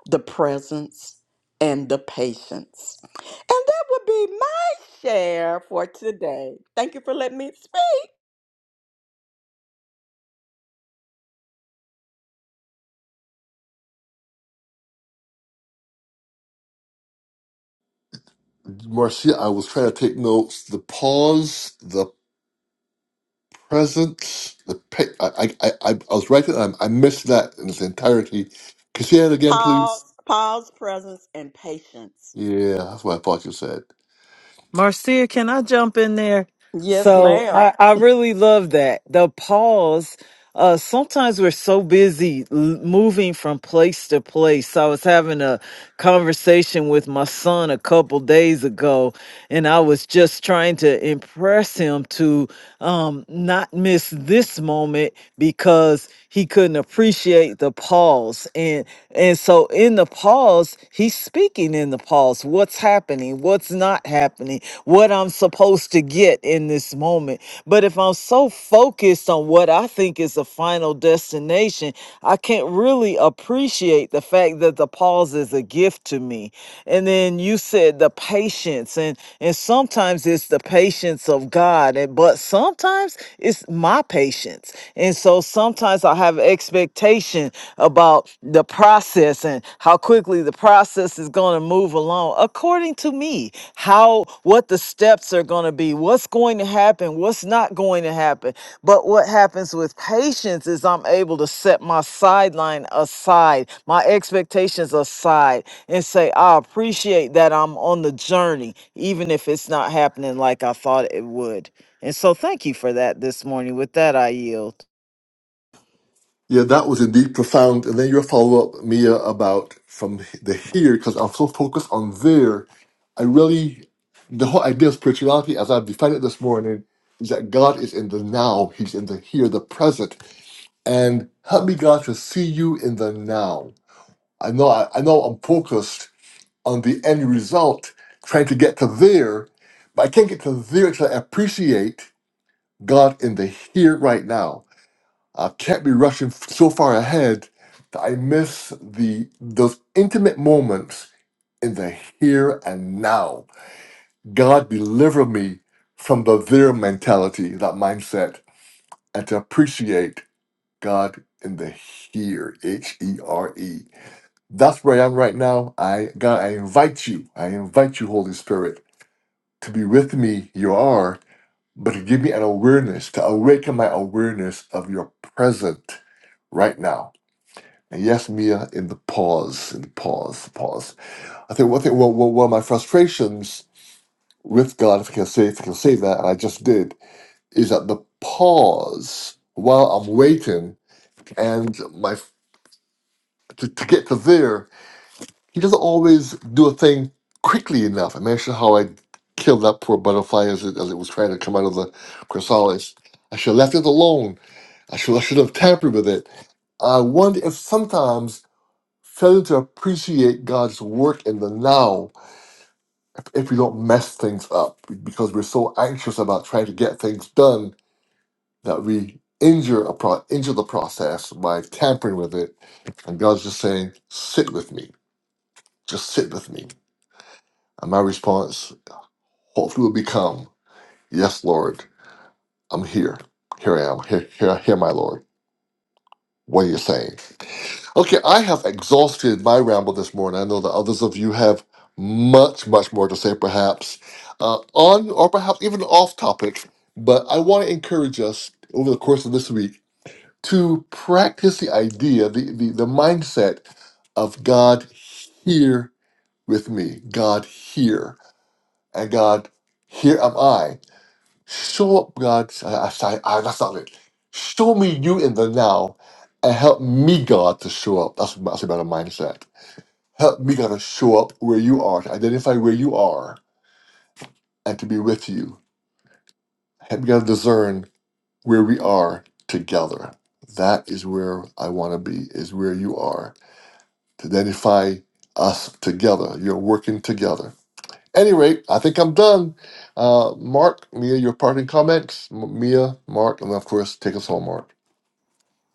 [SPEAKER 6] the presence, and the patience. And that would be my share for today. Thank you for letting me speak.
[SPEAKER 1] Marcia, I was trying to take notes. The pause, the presence, the pe- I, I I I was writing. I, I missed that in its entirety. Could you say it again, please?
[SPEAKER 6] Pause, pause, presence, and patience.
[SPEAKER 1] Yeah, that's what I thought you said.
[SPEAKER 2] Marcia, can I jump in there?
[SPEAKER 6] Yes,
[SPEAKER 2] So
[SPEAKER 6] ma'am.
[SPEAKER 2] I, I really love that. The pause Uh, sometimes we're so busy l- moving from place to place. I was having a conversation with my son a couple days ago, and I was just trying to impress him to um, not miss this moment because he couldn't appreciate the pause. And and so in the pause, he's speaking in the pause. What's happening? What's not happening? What I'm supposed to get in this moment. But if I'm so focused on what I think is a final destination, I can't really appreciate the fact that the pause is a gift to me. And then you said the patience, and and sometimes it's the patience of God, and but sometimes it's my patience. And so sometimes I have expectation about the process and how quickly the process is going to move along according to me. How what the steps are going to be, what's going to happen, what's not going to happen. But what happens with patience is I'm able to set my sideline aside, my expectations aside, and say, I appreciate that I'm on the journey, even if it's not happening like I thought it would. And so thank you for that this morning. With that, I yield.
[SPEAKER 1] Yeah, that was indeed profound. And then your follow up, Mia, about from the here, because I'm so focused on there. I really, the whole idea of spirituality, as I've defined it this morning, is that God is in the now, He's in the here, the present. And help me, God, to see you in the now. I know, I, I know I'm focused on the end result, trying to get to there, but I can't get to there until I appreciate God in the here right now. I can't be rushing f- so far ahead that I miss the those intimate moments in the here and now. God deliver me from the there mentality, that mindset, and to appreciate God in the here, H E R E. That's where I am right now. I God, I invite you, I invite you, Holy Spirit, to be with me. You are, but to give me an awareness, to awaken my awareness of your present right now And yes, Mia, in the pause, in the pause, pause. I think one thing, one, one one of my frustrations with God, if I can say, if I can say that, and I just did, is that the pause while I'm waiting and my to, to get to there, he doesn't always do a thing quickly enough. I mentioned how I killed that poor butterfly as it, as it was trying to come out of the chrysalis. I should have left it alone. I should I should have tampered with it. I wonder if sometimes failing to appreciate God's work in the now if we don't mess things up because we're so anxious about trying to get things done that we injure a pro- injure the process by tampering with it and God's just saying sit with me just sit with me and my response hopefully will become yes lord i'm here here i am here here, here my lord what you're saying. Okay, I have exhausted my ramble this morning. I know that others of you have much, much more to say, perhaps uh, on or perhaps even off topic. But I want to encourage us over the course of this week to practice the idea, the, the, the mindset of God here with me, God here, and God here am I. Show up, God. I, I, sorry, I, that's not it. Show me you in the now and help me, God, to show up. That's, that's a better mindset. Help me, God, to show up where you are, to identify where you are, and to be with you. Help me, God, to discern where we are together. That is where I want to be, is where you are, to identify us together. You're working together. Any rate, I think I'm done. Uh, Mark, Mia, your parting comments. M- Mia, Mark, and of course, take us home, Mark.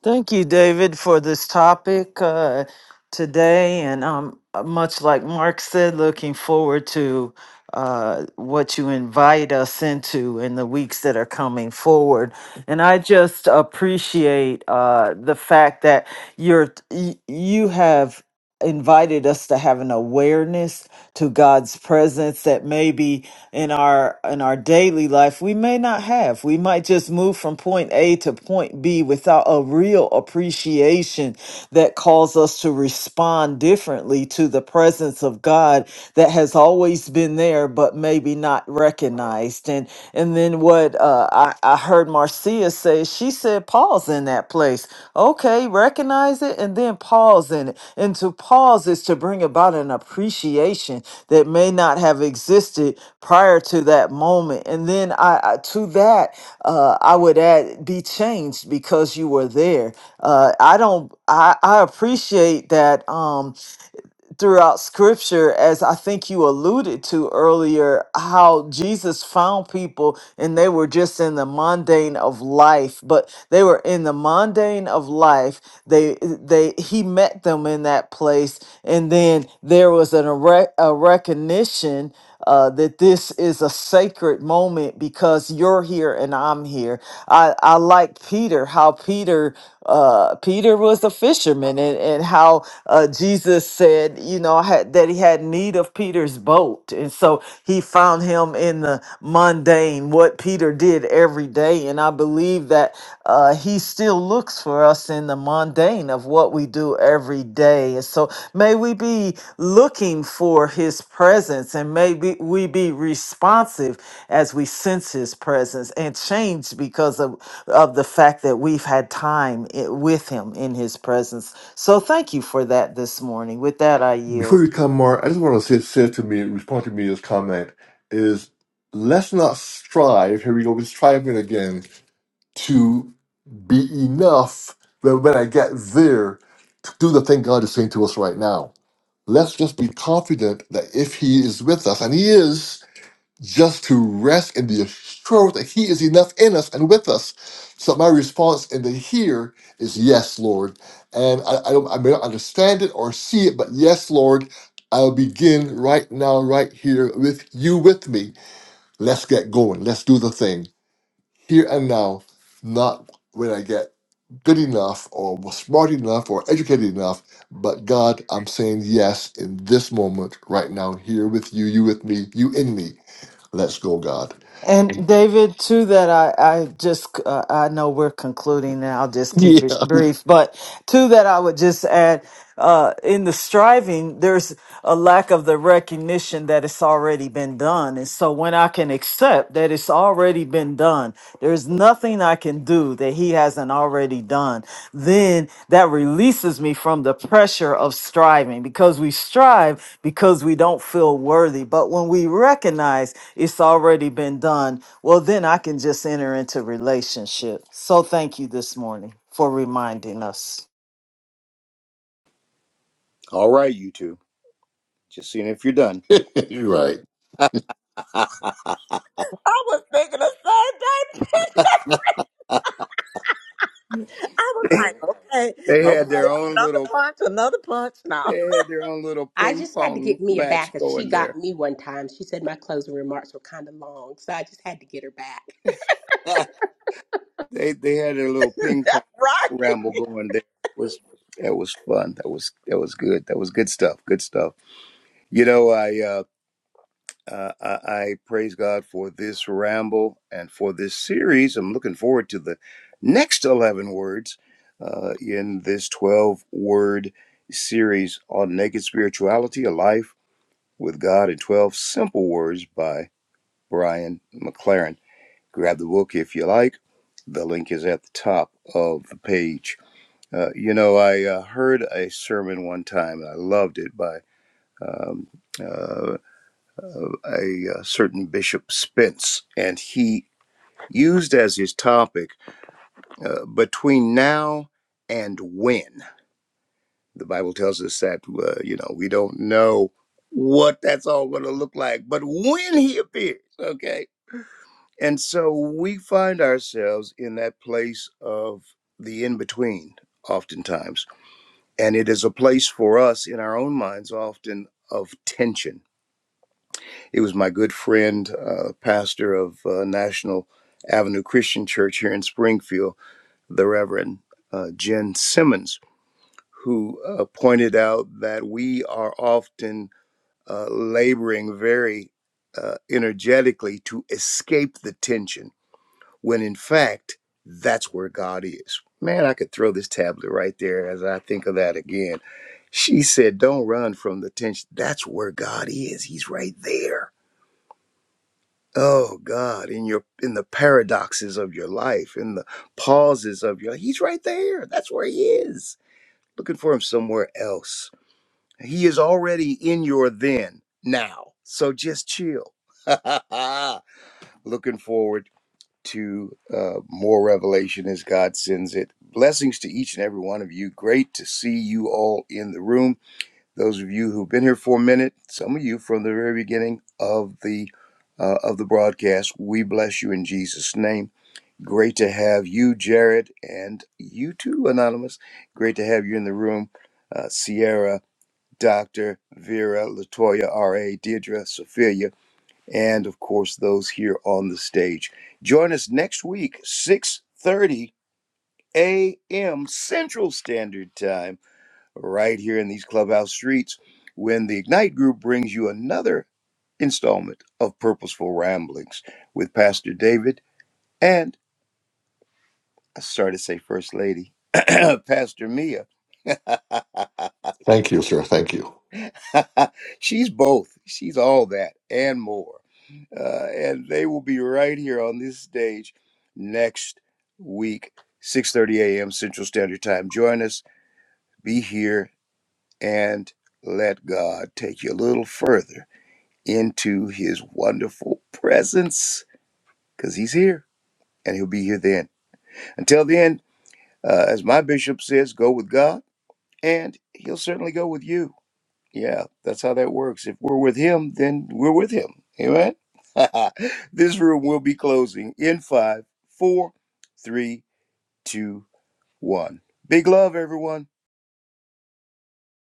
[SPEAKER 2] Thank you, David, for this topic uh, today. And um, uh, much like Mark said, looking forward to uh, what you invite us into in the weeks that are coming forward. And I just appreciate uh, the fact that you're y- you have invited us to have an awareness to God's presence that maybe in our in our daily life we may not have. We might just move from point A to point B without a real appreciation that calls us to respond differently to the presence of God that has always been there but maybe not recognized. And and then what uh, I, I heard Marcia say, she said, "Pause in that place. Okay, recognize it and then pause in it. And to pause is to bring about an appreciation that may not have existed prior to that moment. And then I, I to that, uh, I would add, be changed because you were there. Uh, I don't, I, I appreciate that. Um, throughout scripture, as I think you alluded to earlier, how Jesus found people and they were just in the mundane of life, but they were in the mundane of life. They, they, he met them in that place. And then there was an, a, rec- a recognition uh, that this is a sacred moment because you're here and I'm here. I, I like Peter, how Peter uh, Peter was a fisherman, and, and how uh, Jesus said, you know, had, that he had need of Peter's boat. And so he found him in the mundane, what Peter did every day. And I believe that uh, he still looks for us in the mundane of what we do every day. And so may we be looking for his presence and may be, we be responsive as we sense his presence and change because of of the fact that we've had time i- with him in his presence. So thank you for that this morning. With that, I
[SPEAKER 1] before
[SPEAKER 2] yield.
[SPEAKER 1] you come, Mark, I just want to say, say to me, respond to me this comment is let's not strive. Here we go, we're striving again to be enough that when I get there to do the thing God is saying to us right now. Let's just be confident that if He is with us, and He is, just to rest in the assurance that He is enough in us and with us. So my response in the here is yes, Lord. And I, I don't I may not understand it or see it, but yes, Lord, I'll begin right now, right here with you with me. Let's get going. Let's do the thing here and now, not when I get good enough or smart enough or educated enough. But God, I'm saying yes in this moment, right now, here with you, you with me, you in me. Let's go, God.
[SPEAKER 2] And David, to that, I, I just, uh, I know we're concluding and I'll just keep it
[SPEAKER 1] Yeah,
[SPEAKER 2] brief, but to that, I would just add uh, in the striving, there's a lack of the recognition that it's already been done. And so when I can accept that it's already been done, there's nothing I can do that he hasn't already done, then that releases me from the pressure of striving because we strive because we don't feel worthy. But when we recognize it's already been done, well, then I can just enter into relationship. So thank you this morning for reminding us.
[SPEAKER 3] All right, you two. Just seeing if you're done.
[SPEAKER 1] you're right.
[SPEAKER 6] I was thinking the same thing. I was like, okay,
[SPEAKER 3] They had
[SPEAKER 6] okay,
[SPEAKER 3] their own
[SPEAKER 6] another
[SPEAKER 3] little
[SPEAKER 6] punch, another punch now.
[SPEAKER 3] they had their own little
[SPEAKER 4] I
[SPEAKER 3] ping
[SPEAKER 4] just had to get
[SPEAKER 3] pong
[SPEAKER 4] Mia back
[SPEAKER 3] match
[SPEAKER 4] because she
[SPEAKER 3] going
[SPEAKER 4] got
[SPEAKER 3] there.
[SPEAKER 4] me one time. She said my closing remarks were kind of long, so I just had to get her back.
[SPEAKER 3] They they had a little ping pong
[SPEAKER 6] That's right.
[SPEAKER 3] ramble going there. was that was fun. That was that was good. That was good stuff. Good stuff. You know, I uh, uh I, I praise God for this ramble and for this series. I'm looking forward to the next eleven words uh, in this twelve word series on naked spirituality, a life with God in twelve simple words by Brian McLaren grab the book if you like. The link is at the top of the page. Uh, you know, I uh, heard a sermon one time and I loved it by um, uh, a, uh certain Bishop Spence, and he used as his topic uh, between now and when. The Bible tells us that, uh, you know, we don't know what that's all going to look like, but when he appears, okay? And so we find ourselves in that place of the in between, oftentimes. And it is a place for us in our own minds, often of tension. It was my good friend, uh, pastor of uh, National Avenue Christian Church here in Springfield, the Reverend uh, Jen Simmons, who uh, pointed out that we are often uh, laboring very uh, energetically to escape the tension when in fact, that's where God is. Man, I could throw this tablet right there as I think of that again. She said, Don't run from the tension. That's where God is. He's right there. Oh God, in your in the paradoxes of your life, in the pauses of your life, He's right there. That's where he is. Looking for him somewhere else. He is already in your then now. So just chill. Looking forward to uh, more revelation as God sends it. Blessings to each and every one of you. Great to see you all in the room. Those of you who've been here for a minute, some of you from the very beginning of the uh, of the broadcast, we bless you in Jesus' name. Great to have you, Jared, and you too, Anonymous. Great to have you in the room, uh, Sierra, Doctor, Vera, Latoya, R.A., Deirdre, Sophia and of course those here on the stage. Join us next week, 6:30 a.m. Central Standard Time, right here in these clubhouse streets, when the Ignite Group brings you another installment of Purposeful Ramblings with Pastor David and I started to say First Lady. Pastor Mia.
[SPEAKER 1] Thank you, sir. Thank you.
[SPEAKER 3] She's both. She's all that and more. uh, and they will be right here on this stage next week 6.30 a.m central standard time join us be here and let god take you a little further into his wonderful presence because he's here and he'll be here then until then uh, as my bishop says go with god and he'll certainly go with you Yeah, that's how that works. If we're with him, then we're with him. Amen. this room will be closing in five, four, three, two, one. Big love, everyone.